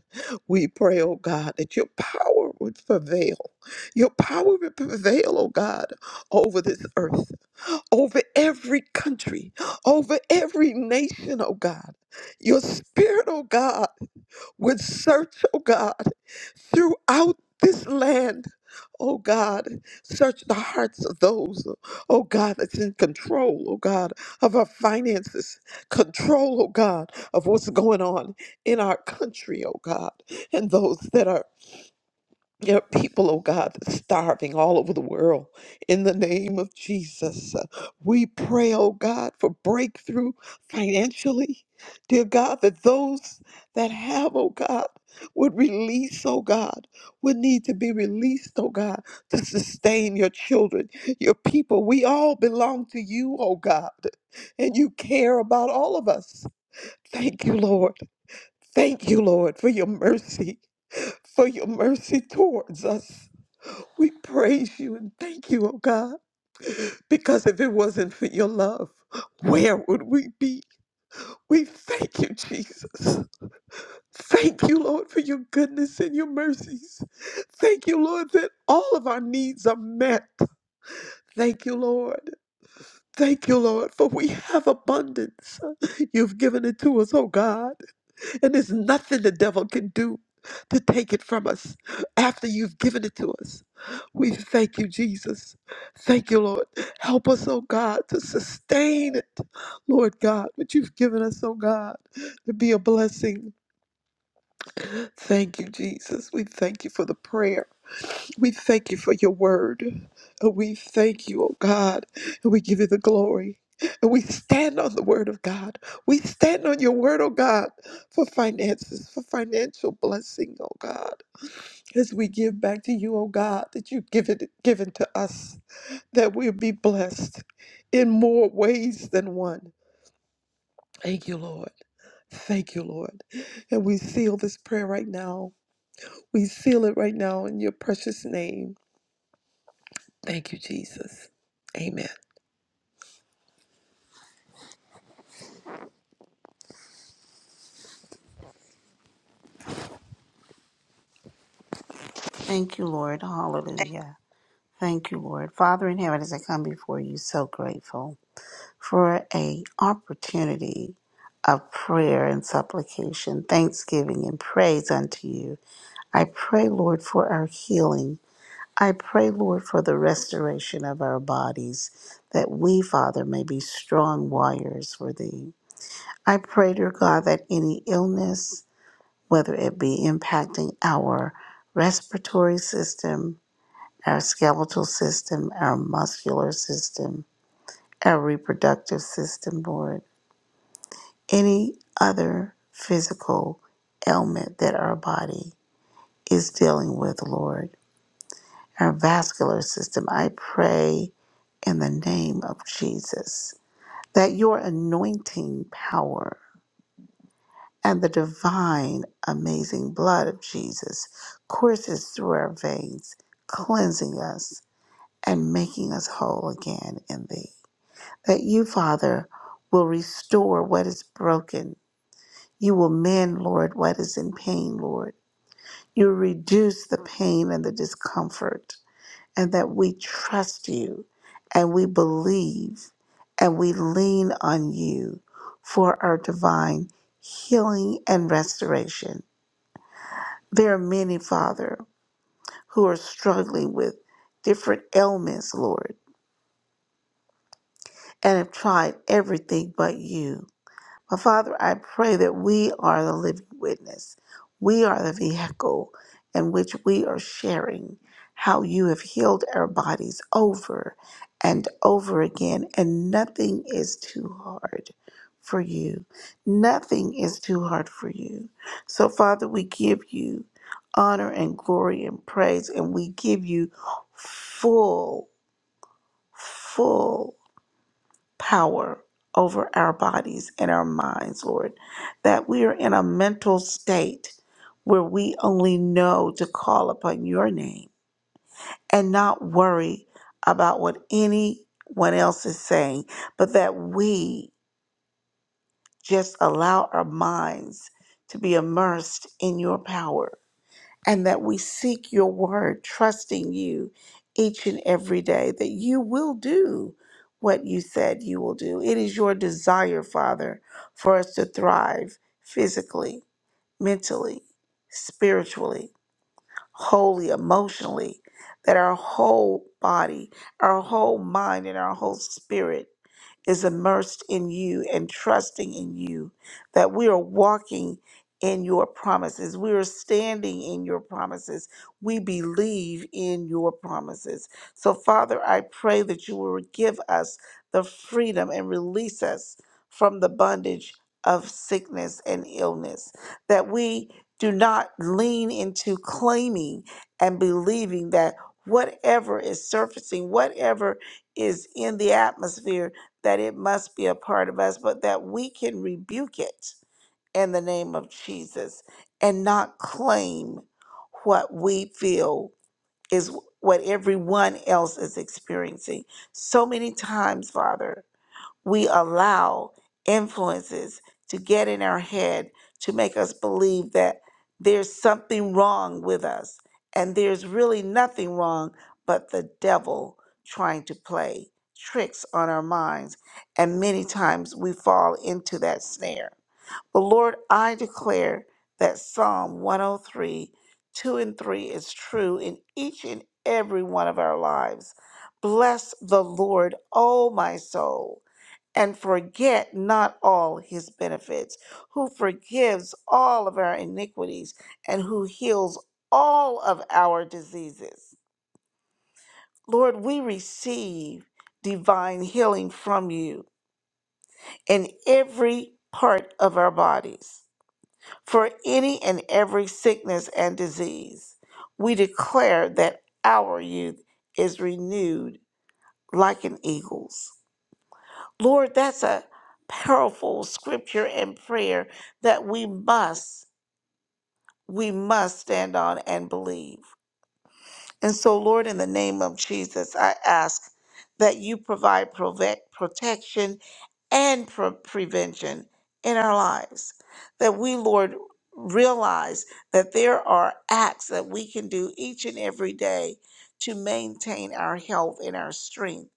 Speaker 4: We pray, oh God, that your power would prevail. Your power would prevail, oh God, over this earth, over every country, over every nation, oh God. Your spirit, oh God, would search, oh God throughout this land. Oh God, search the hearts of those, oh God, that's in control, oh God, of our finances, control, oh God, of what's going on in our country, oh God, and those that are there are people, oh God, that's starving all over the world. In the name of Jesus, uh, we pray, oh God, for breakthrough financially. Dear God, that those that have, oh God, would release, oh God, would need to be released, oh God, to sustain your children, your people. We all belong to you, oh God, and you care about all of us. Thank you, Lord. Thank you, Lord, for your mercy, for your mercy towards us. We praise you and thank you, oh God, because if it wasn't for your love, where would we be? We thank you, Jesus. Thank you, Lord, for your goodness and your mercies. Thank you, Lord, that all of our needs are met. Thank you, Lord. Thank you, Lord, for we have abundance. You've given it to us, oh God. And there's nothing the devil can do to take it from us after you've given it to us. We thank you, Jesus. Thank you, Lord. Help us, oh God, to sustain it, Lord God, what you've given us, oh God, to be a blessing. Thank you, Jesus. We thank you for the prayer. We thank you for your word. And we thank you, oh God. And we give you the glory. And we stand on the word of God. We stand on your word, oh God, for finances, for financial blessing, oh God. As we give back to you, oh God, that you've given given to us, that we'll be blessed in more ways than one. Thank you, Lord. Thank you, Lord. And we seal this prayer right now. We seal it right now in your precious name. Thank you, Jesus. Amen.
Speaker 5: Thank you, Lord. Hallelujah. Thank you, Lord. Father in heaven, as I come before you, so grateful for a opportunity of prayer and supplication, thanksgiving and praise unto you. I pray, Lord, for our healing. I pray, Lord, for the restoration of our bodies, that we, Father, may be strong warriors for thee. I pray, dear God, that any illness, whether it be impacting our respiratory system, our skeletal system, our muscular system, our reproductive system, Lord, any other physical ailment that our body is dealing with, Lord, our vascular system. I pray in the name of Jesus that your anointing power and the divine, amazing blood of Jesus courses through our veins, cleansing us and making us whole again in thee. that you, Father, will restore what is broken. You will mend, Lord, what is in pain, Lord. You reduce the pain and the discomfort, and that we trust you and we believe and we lean on you for our divine healing and restoration. There are many, Father, who are struggling with different ailments, Lord, and have tried everything but you. But Father, I pray that we are the living witness. We are the vehicle in which we are sharing how you have healed our bodies over and over again, and nothing is too hard for you. Nothing is too hard for you. So, Father, we give you honor and glory and praise, and we give you full, full power over our bodies and our minds, Lord. That we are in a mental state where we only know to call upon your name and not worry about what anyone else is saying, but that we just allow our minds to be immersed in your power and that we seek your word, trusting you each and every day that you will do what you said you will do. It is your desire, Father, for us to thrive physically, mentally, spiritually, wholly, emotionally, that our whole body, our whole mind, and our whole spirit is immersed in you and trusting in you, that we are walking in your promises. We are standing in your promises. We believe in your promises. So, Father, I pray that you will give us the freedom and release us from the bondage of sickness and illness, that we do not lean into claiming and believing that whatever is surfacing, whatever is in the atmosphere, that it must be a part of us, but that we can rebuke it in the name of Jesus and not claim what we feel is what everyone else is experiencing. So many times, Father, we allow influences to get in our head to make us believe that there's something wrong with us. And there's really nothing wrong but the devil trying to play tricks on our minds. And many times we fall into that snare. But Lord, I declare that Psalm 103, 2 and 3 is true in each and every one of our lives. Bless the Lord, O my soul and forget not all his benefits, who forgives all of our iniquities and who heals all of our diseases. Lord, we receive divine healing from you in every part of our bodies for any and every sickness and disease. We declare that our youth is renewed like an eagle's. Lord, that's a powerful scripture and prayer that we must, we must stand on and believe. And so, Lord, in the name of Jesus, I ask that you provide prove- protection and pre- prevention in our lives. That we, Lord, realize that there are acts that we can do each and every day to maintain our health and our strength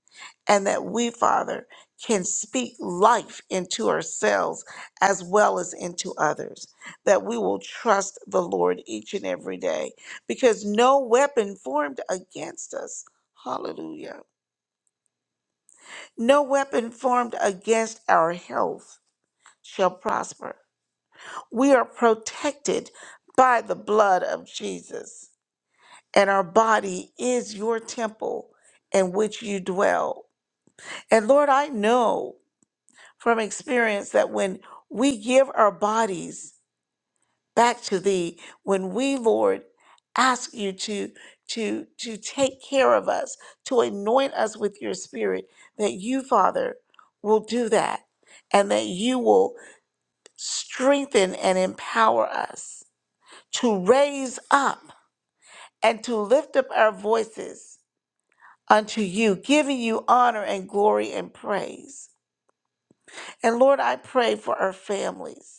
Speaker 5: and that we, Father, can speak life into ourselves as well as into others. That we will trust the Lord each and every day because no weapon formed against us, hallelujah, no weapon formed against our health shall prosper. We are protected by the blood of Jesus, and our body is your temple in which you dwell. And Lord, I know. from experience that when we give our bodies back to thee when we lord ask you to to to take care of us to anoint us with your spirit that you father will do that and that you will strengthen and empower us to raise up and to lift up our voices unto you giving you honor and glory and praise and lord i pray for our families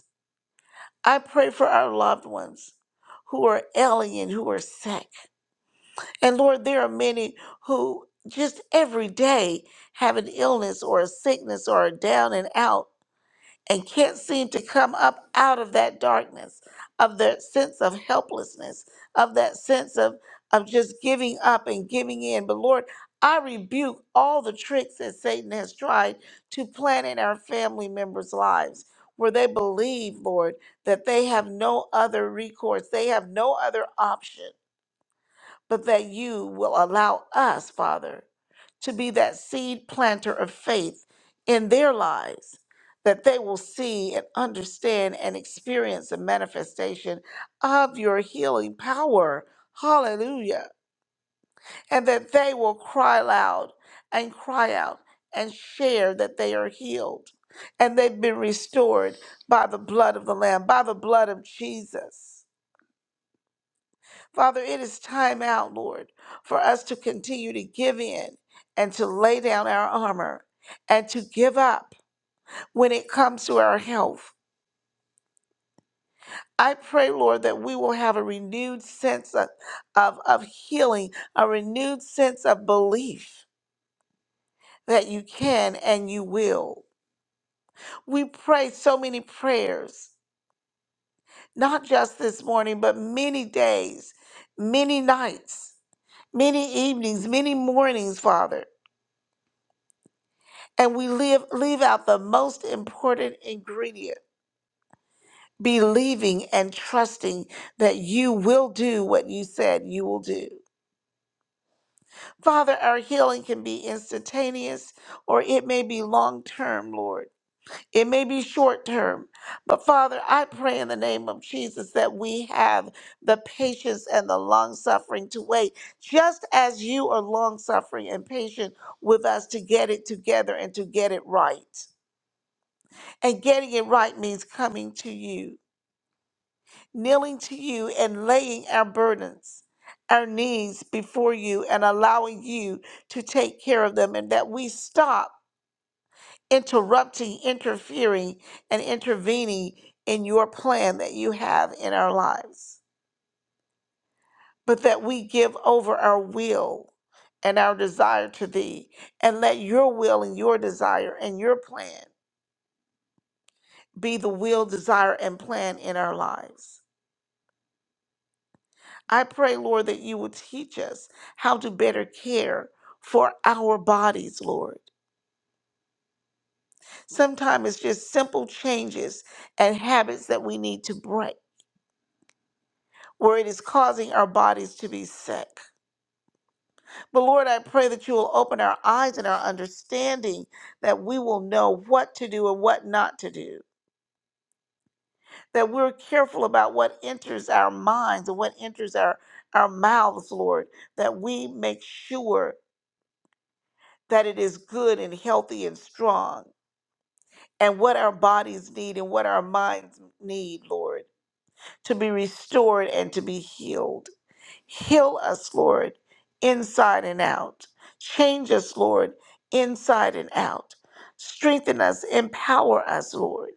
Speaker 5: I pray for our loved ones who are alien, who are sick. And Lord, there are many who just every day have an illness or a sickness or a down and out and can't seem to come up out of that darkness, of that sense of helplessness, of that sense of, of just giving up and giving in. But Lord, I rebuke all the tricks that Satan has tried to plant in our family members' lives, where they believe, Lord, that they have no other recourse, they have no other option but that you will allow us, Father, to be that seed planter of faith in their lives, that they will see and understand and experience the manifestation of your healing power. Hallelujah. And that they will cry loud and cry out and share that they are healed and they've been restored by the blood of the Lamb, by the blood of Jesus. Father, it is time out, Lord, for us to continue to give in and to lay down our armor and to give up when it comes to our health. I pray, Lord, that we will have a renewed sense of, of, of healing, a renewed sense of belief that you can and you will. We pray so many prayers, not just this morning, but many days, many nights, many evenings, many mornings, Father and we leave leave out the most important ingredient believing and trusting that you will do what you said you will do father our healing can be instantaneous or it may be long term lord it may be short term but father i pray in the name of jesus that we have the patience and the long suffering to wait just as you are long suffering and patient with us to get it together and to get it right And getting it right means coming to you, kneeling to you, and laying our burdens, our needs before you, and allowing you to take care of them, and that we stop interrupting, interfering, and intervening in your plan that you have in our lives, but that we give over our will and our desire to thee, and let your will and your desire and your plan be the will, desire, and plan in our lives. I pray, Lord, that you would teach us how to better care for our bodies, Lord. Sometimes it's just simple changes and habits that we need to break where it is causing our bodies to be sick. But Lord, I pray that you will open our eyes and our understanding that we will know what to do and what not to do. That we're careful about what enters our minds and what enters our, our mouths, Lord. That we make sure that it is good and healthy and strong and what our bodies need and what our minds need, Lord, to be restored and to be healed. Heal us, Lord, inside and out. Change us, Lord, inside and out. Strengthen us, empower us, Lord,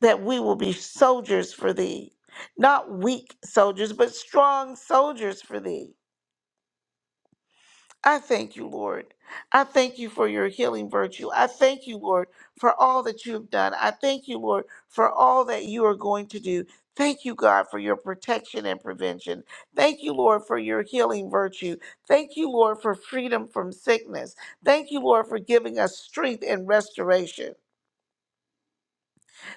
Speaker 5: that we will be soldiers for thee. Not weak soldiers, but strong soldiers for thee. I thank you, Lord. I thank you for your healing virtue. I thank you, Lord, for all that you have done. I thank you, Lord, for all that you are going to do. Thank you, God, for your protection and prevention. Thank you, Lord, for your healing virtue. Thank you, Lord, for freedom from sickness. Thank you, Lord, for giving us strength and restoration,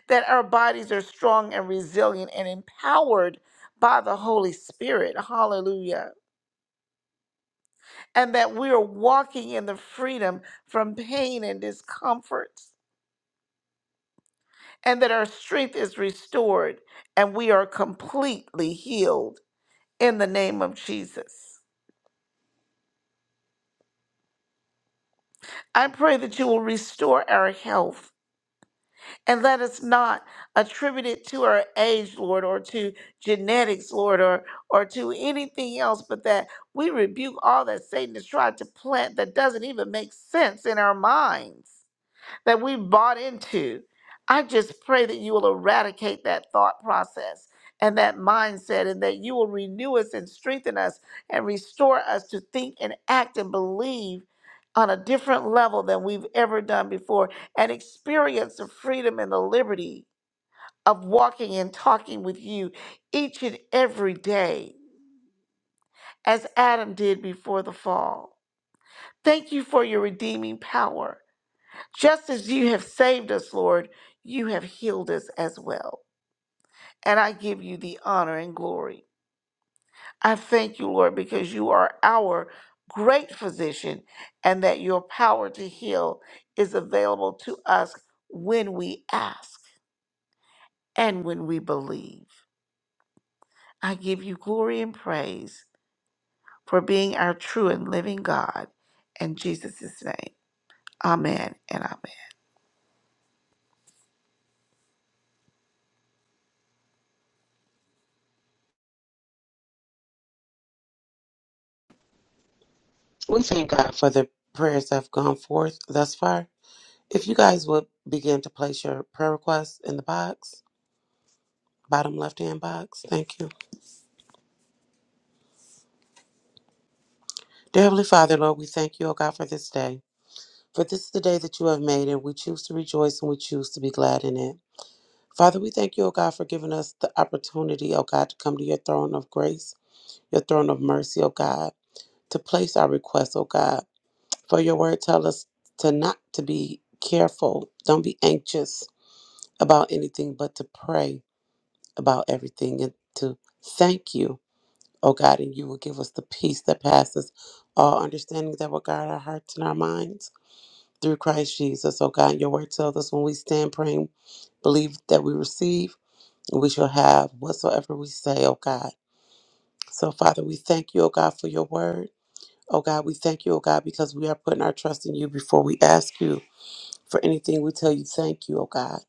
Speaker 5: that our bodies are strong and resilient and empowered by the Holy Spirit. Hallelujah. and that we are walking in the freedom from pain and discomforts, and that our strength is restored and we are completely healed in the name of Jesus. I pray that you will restore our health and let us not attribute it to our age, Lord, or to genetics, Lord, or, or to anything else, but that we rebuke all that Satan has tried to plant that doesn't even make sense in our minds that we have bought into. I just pray that you will eradicate that thought process and that mindset, and that you will renew us and strengthen us and restore us to think and act and believe on a different level than we've ever done before and experience the freedom and the liberty of walking and talking with you each and every day, as Adam did before the fall. Thank you for your redeeming power. Just as you have saved us, Lord, you have healed us as well. And I give you the honor and glory. I thank you, Lord, because you are our great physician and that your power to heal is available to us when we ask and when we believe. I give you glory and praise for being our true and living God. In Jesus' name, amen and amen.
Speaker 6: We thank God for the prayers that have gone forth thus far. If you guys would begin to place your prayer requests in the box, bottom left hand box, thank you. Dear Heavenly Father, Lord, we thank you, O God, for this day. For this is the day that you have made, and we choose to rejoice and we choose to be glad in it. Father, we thank you, O God, for giving us the opportunity, O God, to come to your throne of grace, your throne of mercy, O God, to place our requests, O God. For your word tell us to not to be careful, don't be anxious about anything but to pray about everything and to thank you, oh God, and you will give us the peace that passes all understanding that will guard our hearts and our minds through Christ Jesus, oh God. Your word tells us when we stand praying, believe that we receive, and we shall have whatsoever we say, oh God. So, Father, we thank you, oh God, for your word. Oh God, we thank you, oh God, because we are putting our trust in you before we ask you for anything. We tell you, thank you, oh God.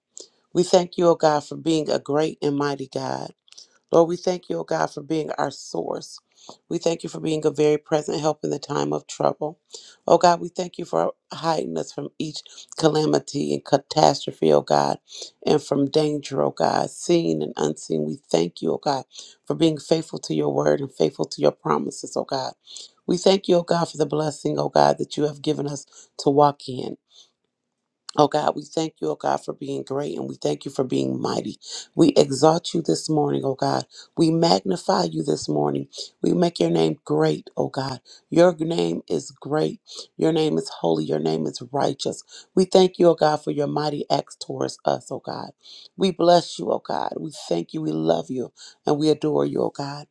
Speaker 6: We thank you, oh God, for being a great and mighty God. Lord, we thank you, O God, for being our source. We thank you for being a very present help in the time of trouble. Oh God, we thank you for hiding us from each calamity and catastrophe, oh God, and from danger, oh God, seen and unseen. We thank you, oh God, for being faithful to your word and faithful to your promises, oh God. We thank you, oh God, for the blessing, oh God, that you have given us to walk in. Oh God, we thank you, oh God, for being great and we thank you for being mighty. We exalt you this morning, oh God. We magnify you this morning. We make your name great, oh God. Your name is great. Your name is holy. Your name is righteous. We thank you, oh God, for your mighty acts towards us, oh God. We bless you, oh God. We thank you. We love you and we adore you, oh God.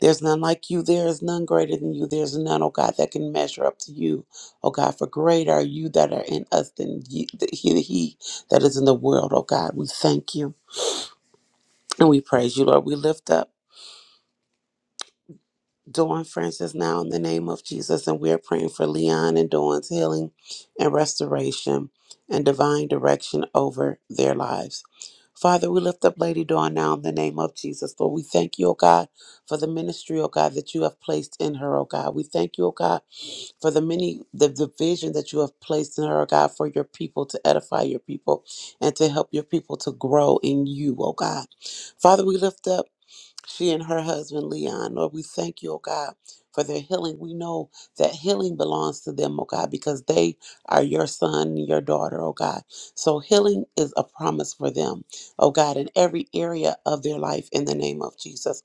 Speaker 6: There's none like you. There is none greater than you. There's none, oh God, that can measure up to you. Oh God, for greater are you that are in us than ye- th- he, he that is in the world, oh God. We thank you and we praise you, Lord. We lift up Dawn Francis now in the name of Jesus, and we are praying for Leon and Dawn's healing and restoration and divine direction over their lives. Father, we lift up Lady Dawn now in the name of Jesus. Lord, we thank you, oh God, for the ministry, oh God, that you have placed in her, oh God. We thank you, oh God for the many the, the vision that you have placed in her, oh God, for your people to edify your people and to help your people to grow in you, oh God. Father, we lift up she and her husband Leon. Lord, we thank you, oh God, for their healing. We know that healing belongs to them, oh God, because they are your son, and your daughter, oh God. So healing is a promise for them, oh God, in every area of their life in the name of Jesus.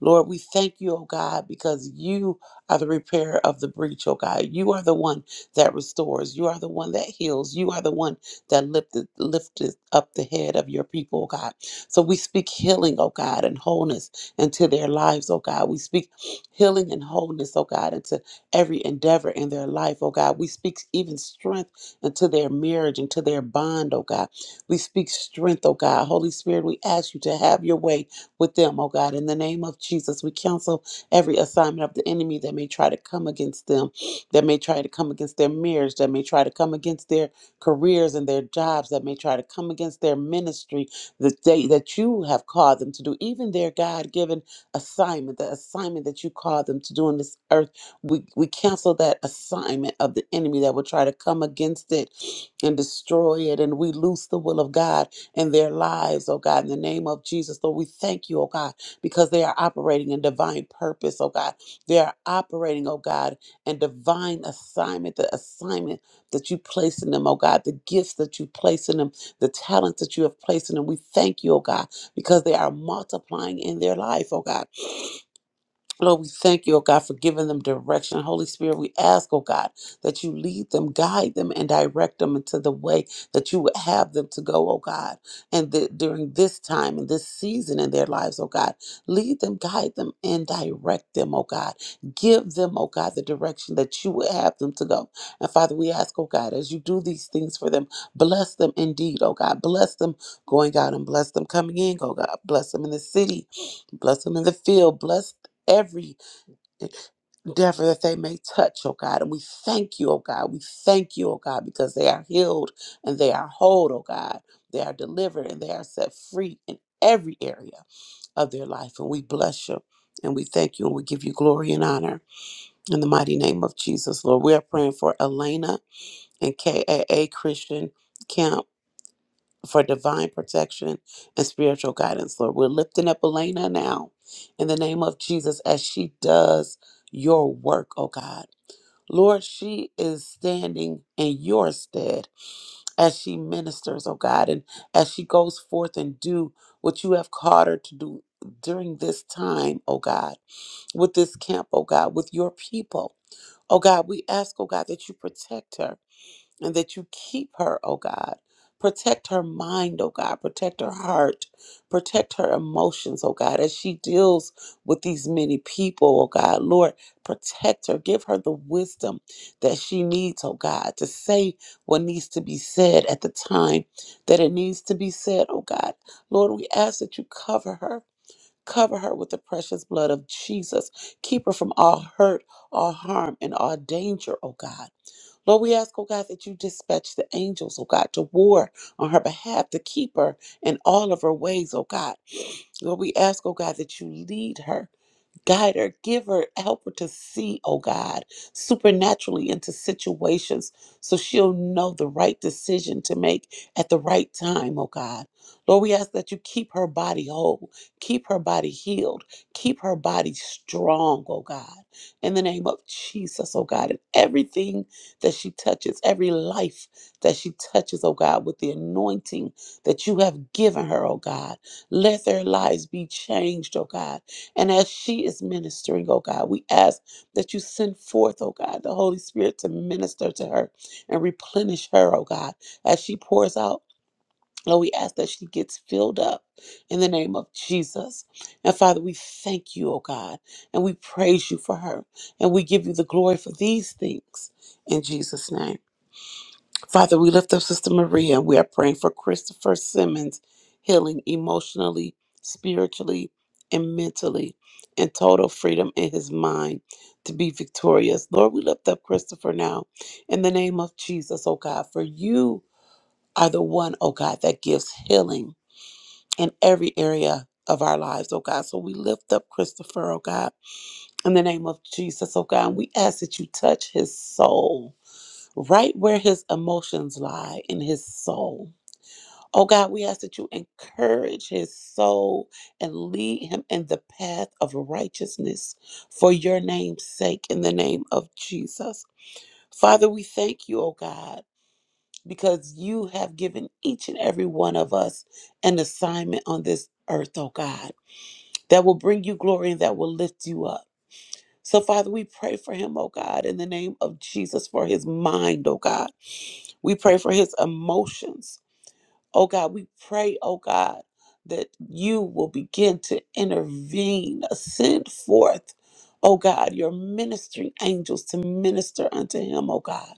Speaker 6: Lord, we thank you, oh God, because you are the repairer of the breach, oh God. You are the one that restores. You are the one that heals. You are the one that lifted lifted up the head of your people, oh God. So we speak healing, oh God, and wholeness into their lives, oh God. We speak healing and wholeness, oh God, into every endeavor in their life, oh God. We speak even strength into their marriage, into their bond, oh God. We speak strength, oh God. Holy Spirit, we ask you to have your way with them, oh God. In the name of Jesus, we counsel every assignment of the enemy that may try to come against them, that may try to come against their marriage, that may try to come against their careers and their jobs, that may try to come against their ministry, that they that you have called them to do, even their God-given assignment, the assignment that you called them to do on this earth. We we cancel that assignment of the enemy that would try to come against it and destroy it. And we loose the will of God in their lives, oh God, in the name of Jesus. Lord, we thank you, oh God, because they are operating in divine purpose, oh God. They are operating, oh God, in divine assignment, the assignment that you place in them, oh God, the gifts that you place in them the talents that you have placed in them. We thank you, oh God, because they are multiplying in their life, oh God. Lord, we thank you, oh God, for giving them direction. Holy Spirit, we ask, oh God, that you lead them, guide them, and direct them into the way that you would have them to go, oh God. And that during this time and this season in their lives, oh God, lead them, guide them, and direct them, oh God. Give them, oh God, the direction that you would have them to go. And Father, we ask, oh God, as you do these things for them, bless them indeed, oh God. Bless them going out and bless them coming in, oh God. Bless them in the city, bless them in the field, bless every endeavor that they may touch, oh God. And we thank you, oh God. We thank you, oh God, because they are healed and they are whole, oh God. They are delivered and they are set free in every area of their life. And we bless you and we thank you and we give you glory and honor in the mighty name of Jesus, Lord. We are praying for Elena and KAA Christian Camp for divine protection and spiritual guidance, Lord. We're lifting up Elena now in the name of Jesus as she does your work, oh God. Lord, she is standing in your stead as she ministers, oh God, and as she goes forth and do what you have called her to do during this time, oh God, with this camp, oh God, with your people. Oh God, we ask, oh God, that you protect her and that you keep her, oh God. Protect her mind, oh God. Protect her heart. Protect her emotions, oh God, as she deals with these many people, oh God. Lord, protect her. Give her the wisdom that she needs, oh God, to say what needs to be said at the time that it needs to be said, oh God. Lord, we ask that you cover her. Cover her with the precious blood of Jesus. Keep her from all hurt, all harm, and all danger, oh God. Lord, we ask, oh God, that you dispatch the angels, oh God, to war on her behalf, to keep her in all of her ways, oh God. Lord, we ask, oh God, that you lead her, guide her, give her, help her to see, oh God, supernaturally into situations so she'll know the right decision to make at the right time, oh God. Lord, we ask that you keep her body whole, keep her body healed, keep her body strong, oh God. In the name of Jesus, oh God, and everything that she touches, every life that she touches, oh God, with the anointing that you have given her, oh God. Let their lives be changed, oh God. And as she is ministering, oh God, we ask that you send forth, oh God, the Holy Spirit to minister to her and replenish her, oh God, as she pours out. Lord, we ask that she gets filled up in the name of Jesus. And Father, we thank you, oh God, and we praise you for her. And we give you the glory for these things in Jesus' name. Father, we lift up Sister Maria. We are praying for Christopher Simmons healing emotionally, spiritually, and mentally, and total freedom in his mind to be victorious. Lord, we lift up Christopher now in the name of Jesus, oh God, for you are the one, oh God, that gives healing in every area of our lives, oh God. So we lift up Christopher, oh God, in the name of Jesus, oh God. And we ask that you touch his soul right where his emotions lie in his soul. Oh God, we ask that you encourage his soul and lead him in the path of righteousness for your name's sake, in the name of Jesus. Father, we thank you, oh God, because you have given each and every one of us an assignment on this earth, oh God, that will bring you glory and that will lift you up. So, Father, we pray for him, oh God, in the name of Jesus, for his mind, oh God. We pray for his emotions, oh God. We pray, oh God, that you will begin to intervene, send forth, oh God, your ministering angels to minister unto him, oh God.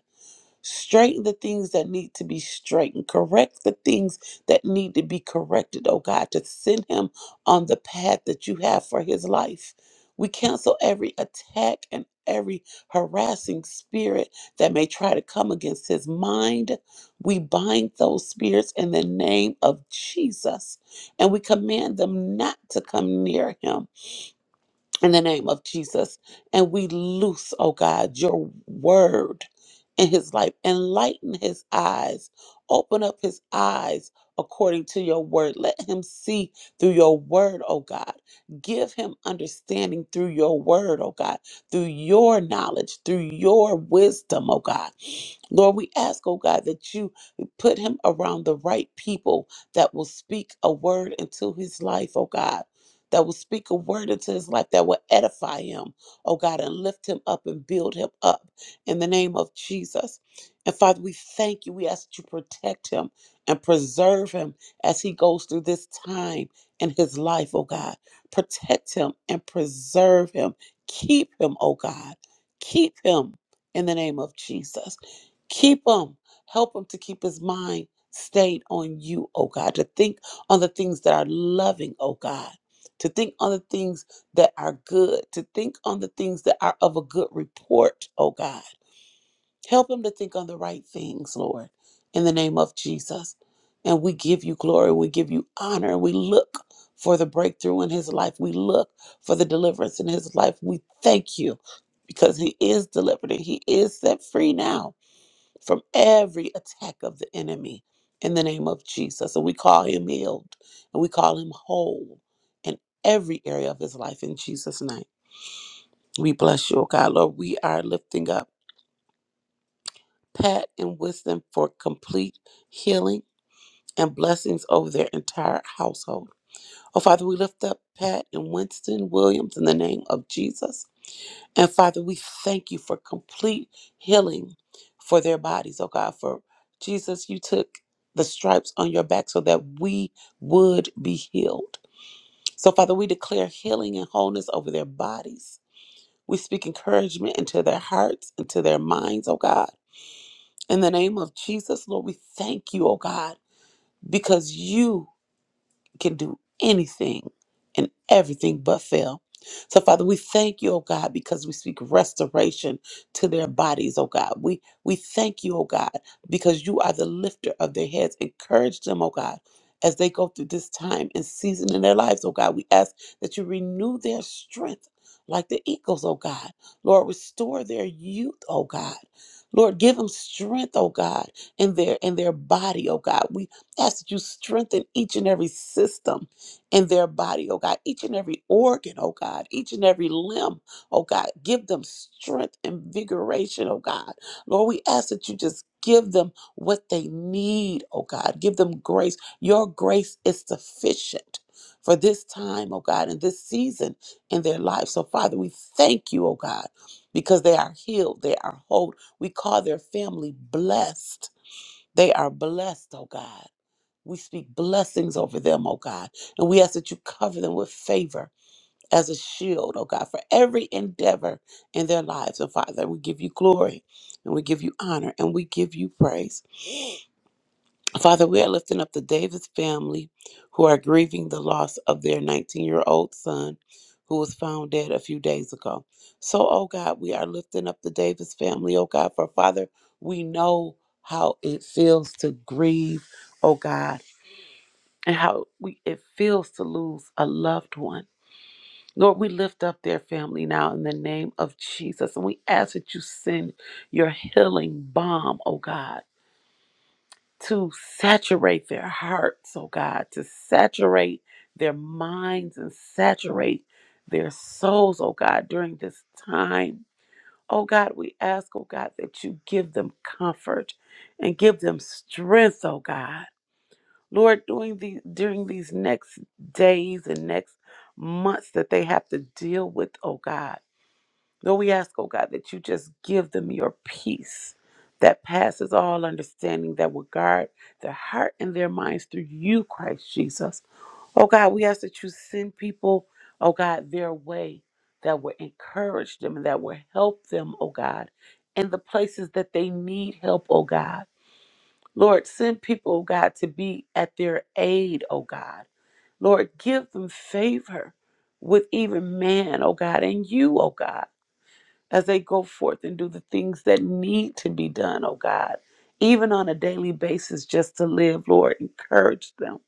Speaker 6: Straighten the things that need to be straightened. Correct the things that need to be corrected, oh God, to send him on the path that you have for his life. We cancel every attack and every harassing spirit that may try to come against his mind. We bind those spirits in the name of Jesus and we command them not to come near him in the name of Jesus. And we loose, oh God, your word in his life. Enlighten his eyes. Open up his eyes according to your word. Let him see through your word, oh God. Give him understanding through your word, oh God, through your knowledge, through your wisdom, oh God. Lord, we ask, oh God, that you put him around the right people that will speak a word into his life, oh God that will speak a word into his life that will edify him, oh God, and lift him up and build him up in the name of Jesus. And Father, we thank you. We ask that you protect him and preserve him as he goes through this time in his life, oh God. Protect him and preserve him. Keep him, oh God. Keep him in the name of Jesus. Keep him. Help him to keep his mind stayed on you, oh God, to think on the things that are loving, oh God to think on the things that are good, to think on the things that are of a good report, oh God. Help him to think on the right things, Lord, in the name of Jesus. And we give you glory, we give you honor, we look for the breakthrough in his life, we look for the deliverance in his life. We thank you because he is delivered and he is set free now from every attack of the enemy in the name of Jesus. And we call him healed and we call him whole in every area of his life in Jesus' name. We bless you, oh God. Lord, we are lifting up Pat and Wisdom for complete healing and blessings over their entire household. Oh, Father, we lift up Pat and Winston Williams in the name of Jesus. And Father, we thank you for complete healing for their bodies, oh God. For Jesus, you took the stripes on your back so that we would be healed. So, Father, we declare healing and wholeness over their bodies. We speak encouragement into their hearts, into their minds, oh God. In the name of Jesus, Lord, we thank you, oh God, because you can do anything and everything but fail. So, Father, we thank you, oh God, because we speak restoration to their bodies, oh God. We we thank you, oh God, because you are the lifter of their heads. Encourage them, oh God, as they go through this time and season in their lives, oh God. We ask that you renew their strength like the eagles, oh God. Lord, restore their youth, oh God. Lord, give them strength, oh God, in their in their body, oh God. We ask that you strengthen each and every system in their body, oh God, each and every organ, oh God, each and every limb, oh God. Give them strength, invigoration, oh God. Lord, we ask that you just give them what they need, oh God. Give them grace. Your grace is sufficient. For this time, oh God, and this season in their life. So, Father, we thank you, oh God, because they are healed, they are whole. We call their family blessed. They are blessed, oh God. We speak blessings over them, oh God. And we ask that you cover them with favor as a shield, oh God, for every endeavor in their lives. And Father, we give you glory and we give you honor and we give you praise. Father, we are lifting up the Davis family who are grieving the loss of their 19 year old son who was found dead a few days ago. So, oh God, we are lifting up the Davis family, oh God, for Father, we know how it feels to grieve, oh God and how we, it feels to lose a loved one. Lord, we lift up their family now in the name of Jesus. And we ask that you send your healing balm, oh God, to saturate their hearts, oh God, to saturate their minds and saturate their souls, oh God, during this time. Oh God, we ask, oh God, that you give them comfort and give them strength, oh God. Lord, during the during these next days and next months that they have to deal with, oh God. Lord, we ask, oh God, that you just give them your peace that passes all understanding that will guard their heart and their minds through you, Christ Jesus. Oh God, we ask that you send people, oh God, their way that will encourage them and that will help them, oh God, in the places that they need help, oh God. Lord, send people, oh God, to be at their aid, oh God. Lord, give them favor with even man, oh God, and you, oh God, as they go forth and do the things that need to be done, oh God, even on a daily basis just to live, Lord. Encourage them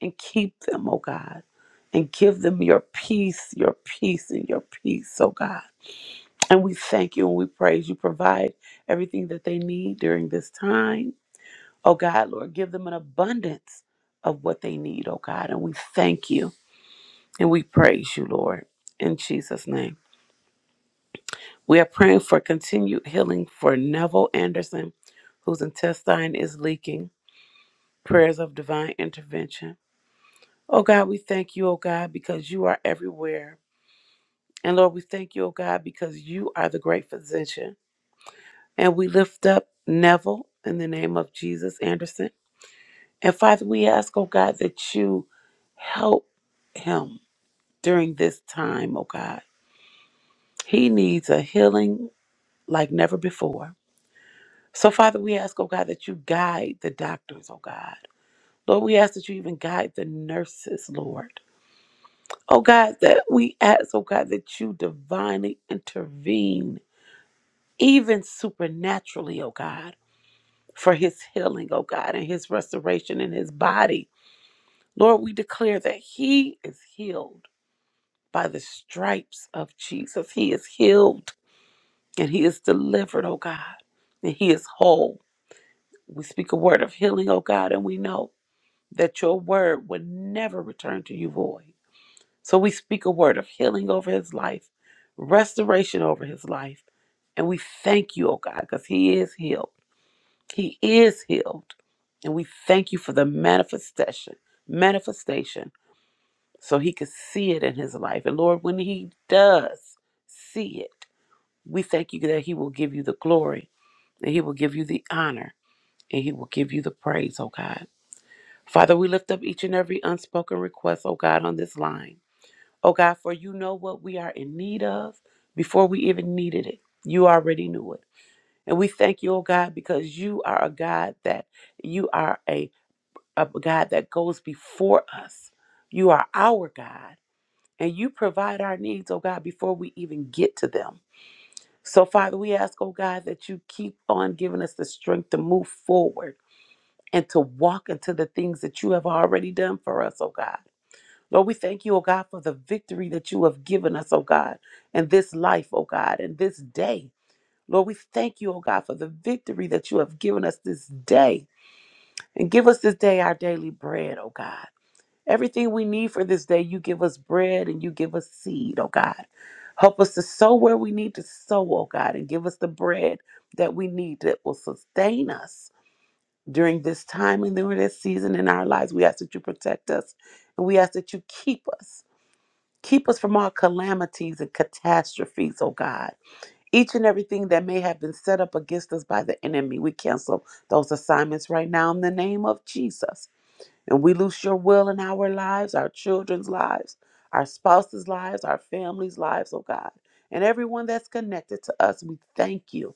Speaker 6: and keep them, oh God, and give them your peace, your peace, and your peace, oh God. And we thank you and we praise you. Provide everything that they need during this time Oh God, Lord, give them an abundance of what they need, oh God. And we thank you and we praise you, Lord, in Jesus' name. We are praying for continued healing for Neville Anderson, whose intestine is leaking. Prayers of divine intervention. Oh God, we thank you, oh God, because you are everywhere. And Lord, we thank you, oh God, because you are the great physician. And we lift up Neville in the name of Jesus Anderson. And Father, we ask, oh God, that you help him during this time, oh God. He needs a healing like never before. So, Father, we ask, oh God, that you guide the doctors, oh God. Lord, we ask that you even guide the nurses, Lord. Oh God, that we ask, oh God, that you divinely intervene, even supernaturally, oh God, for his healing, oh God, and his restoration in his body. Lord, we declare that he is healed by the stripes of Jesus. He is healed and he is delivered, oh God, and he is whole. We speak a word of healing, oh God, and we know that your word would never return to you void. So we speak a word of healing over his life, restoration over his life, and we thank you, oh God, because he is healed. He is healed. And we thank you for the manifestation, manifestation, so he could see it in his life. And Lord, when he does see it, we thank you that he will give you the glory and He will give you the honor and He will give you the praise, oh God. Father, we lift up each and every unspoken request, oh God, on this line. Oh God, for you know what we are in need of before we even needed it. You already knew it. And we thank you, oh God, because you are a God that you are a, a God that goes before us. You are our God. And you provide our needs, oh God, before we even get to them. So, Father, we ask, oh God, that you keep on giving us the strength to move forward and to walk into the things that you have already done for us, oh God. Lord, we thank you, oh God, for the victory that you have given us, oh God, in this life, oh God, in this day. Lord, we thank you, oh God, for the victory that you have given us this day. And give us this day our daily bread, oh God. Everything we need for this day, you give us bread and you give us seed, oh God. Help us to sow where we need to sow, oh God, and give us the bread that we need that will sustain us during this time and during this season in our lives. We ask that you protect us and we ask that you keep us. Keep us from all calamities and catastrophes, oh God. Each and everything that may have been set up against us by the enemy, we cancel those assignments right now in the name of Jesus. And we loose your will in our lives, our children's lives, our spouses' lives, our families' lives, oh God. And everyone that's connected to us, we thank you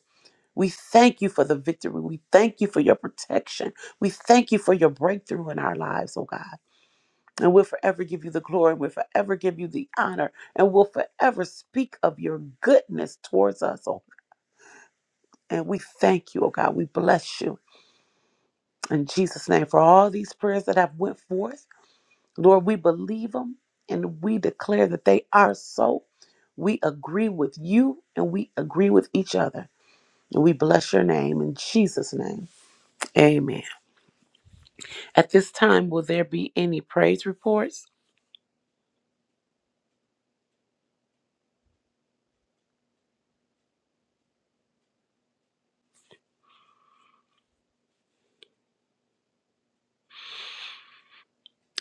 Speaker 6: we thank you for the victory. We thank you for your protection. We thank you for your breakthrough in our lives, oh God. And we'll forever give you the glory. We'll forever give you the honor. And we'll forever speak of your goodness towards us, oh. And we thank you, oh God. We bless you in Jesus' name for all these prayers that have went forth. Lord, we believe them and we declare that they are so. We agree with you and we agree with each other. And we bless your name in Jesus' name. Amen. At this time, will there be any praise reports?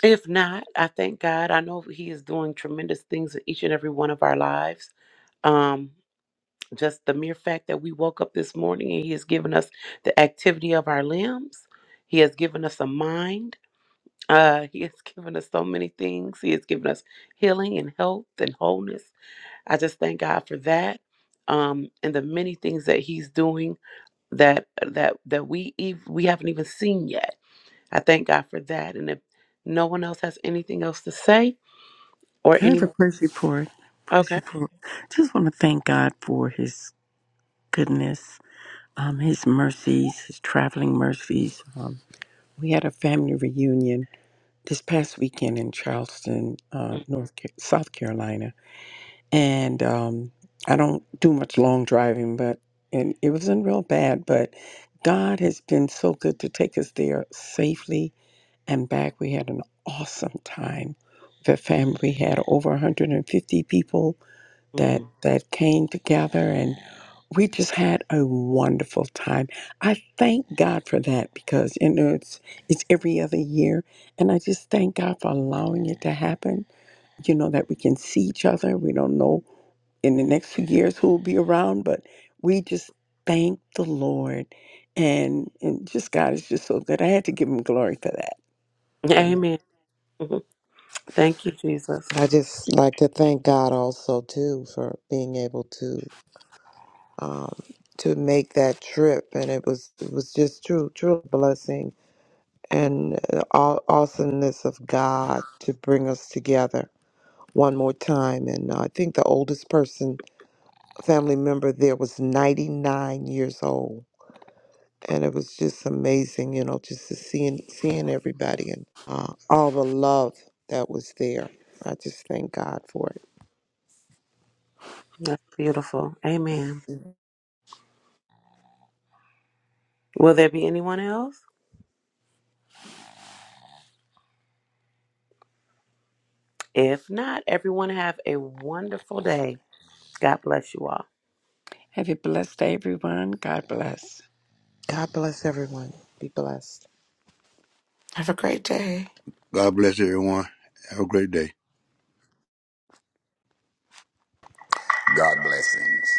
Speaker 6: If not, I thank God. I know He is doing tremendous things in each and every one of our lives. Um, just the mere fact that we woke up this morning and He has given us the activity of our limbs, He has given us a mind. Uh, he has given us so many things. He has given us healing and health and wholeness. I just thank God for that, um, and the many things that He's doing that that that we ev- we haven't even seen yet I thank God for that. And if no one else has anything else to say or
Speaker 7: I have
Speaker 6: any,
Speaker 7: a praise report. Praise
Speaker 6: okay.
Speaker 7: report. Just want to thank God for His goodness, um, His mercies, His traveling mercies. Um, we had a family reunion this past weekend in Charleston, uh, North Ca- South Carolina, and um, I don't do much long driving, but and it wasn't real bad. But God has been so good to take us there safely and back. We had an awesome time. The family had over 150 people that
Speaker 6: Mhm.
Speaker 7: that came together and we just had a wonderful time. I thank God for that because you know it's it's every other year and I just thank God for allowing it to happen. You know that we can see each other. We don't know in the next few years who will be around, but we just thank the Lord and and just God is just so good. I had to give him glory for that. Amen.
Speaker 6: Amen. Mhm. Thank you, Jesus.
Speaker 4: I just like to thank God also too for being able to um, to make that trip, and it was it was just true true blessing and uh, aw- awesomeness of God to bring us together one more time. And uh, I think the oldest person family member there was ninety nine years old. and it was just amazing, you know, just to seeing seeing everybody and uh, all the love that was there. I just thank God for
Speaker 6: That's beautiful. Amen.
Speaker 4: it.
Speaker 6: Will there be anyone else? If not, everyone have a wonderful day. God bless you all.
Speaker 7: Have a blessed day everyone. God bless.
Speaker 4: God bless everyone. Be blessed.
Speaker 2: Have a great day.
Speaker 8: God bless everyone. Have a great day.
Speaker 9: God blessings.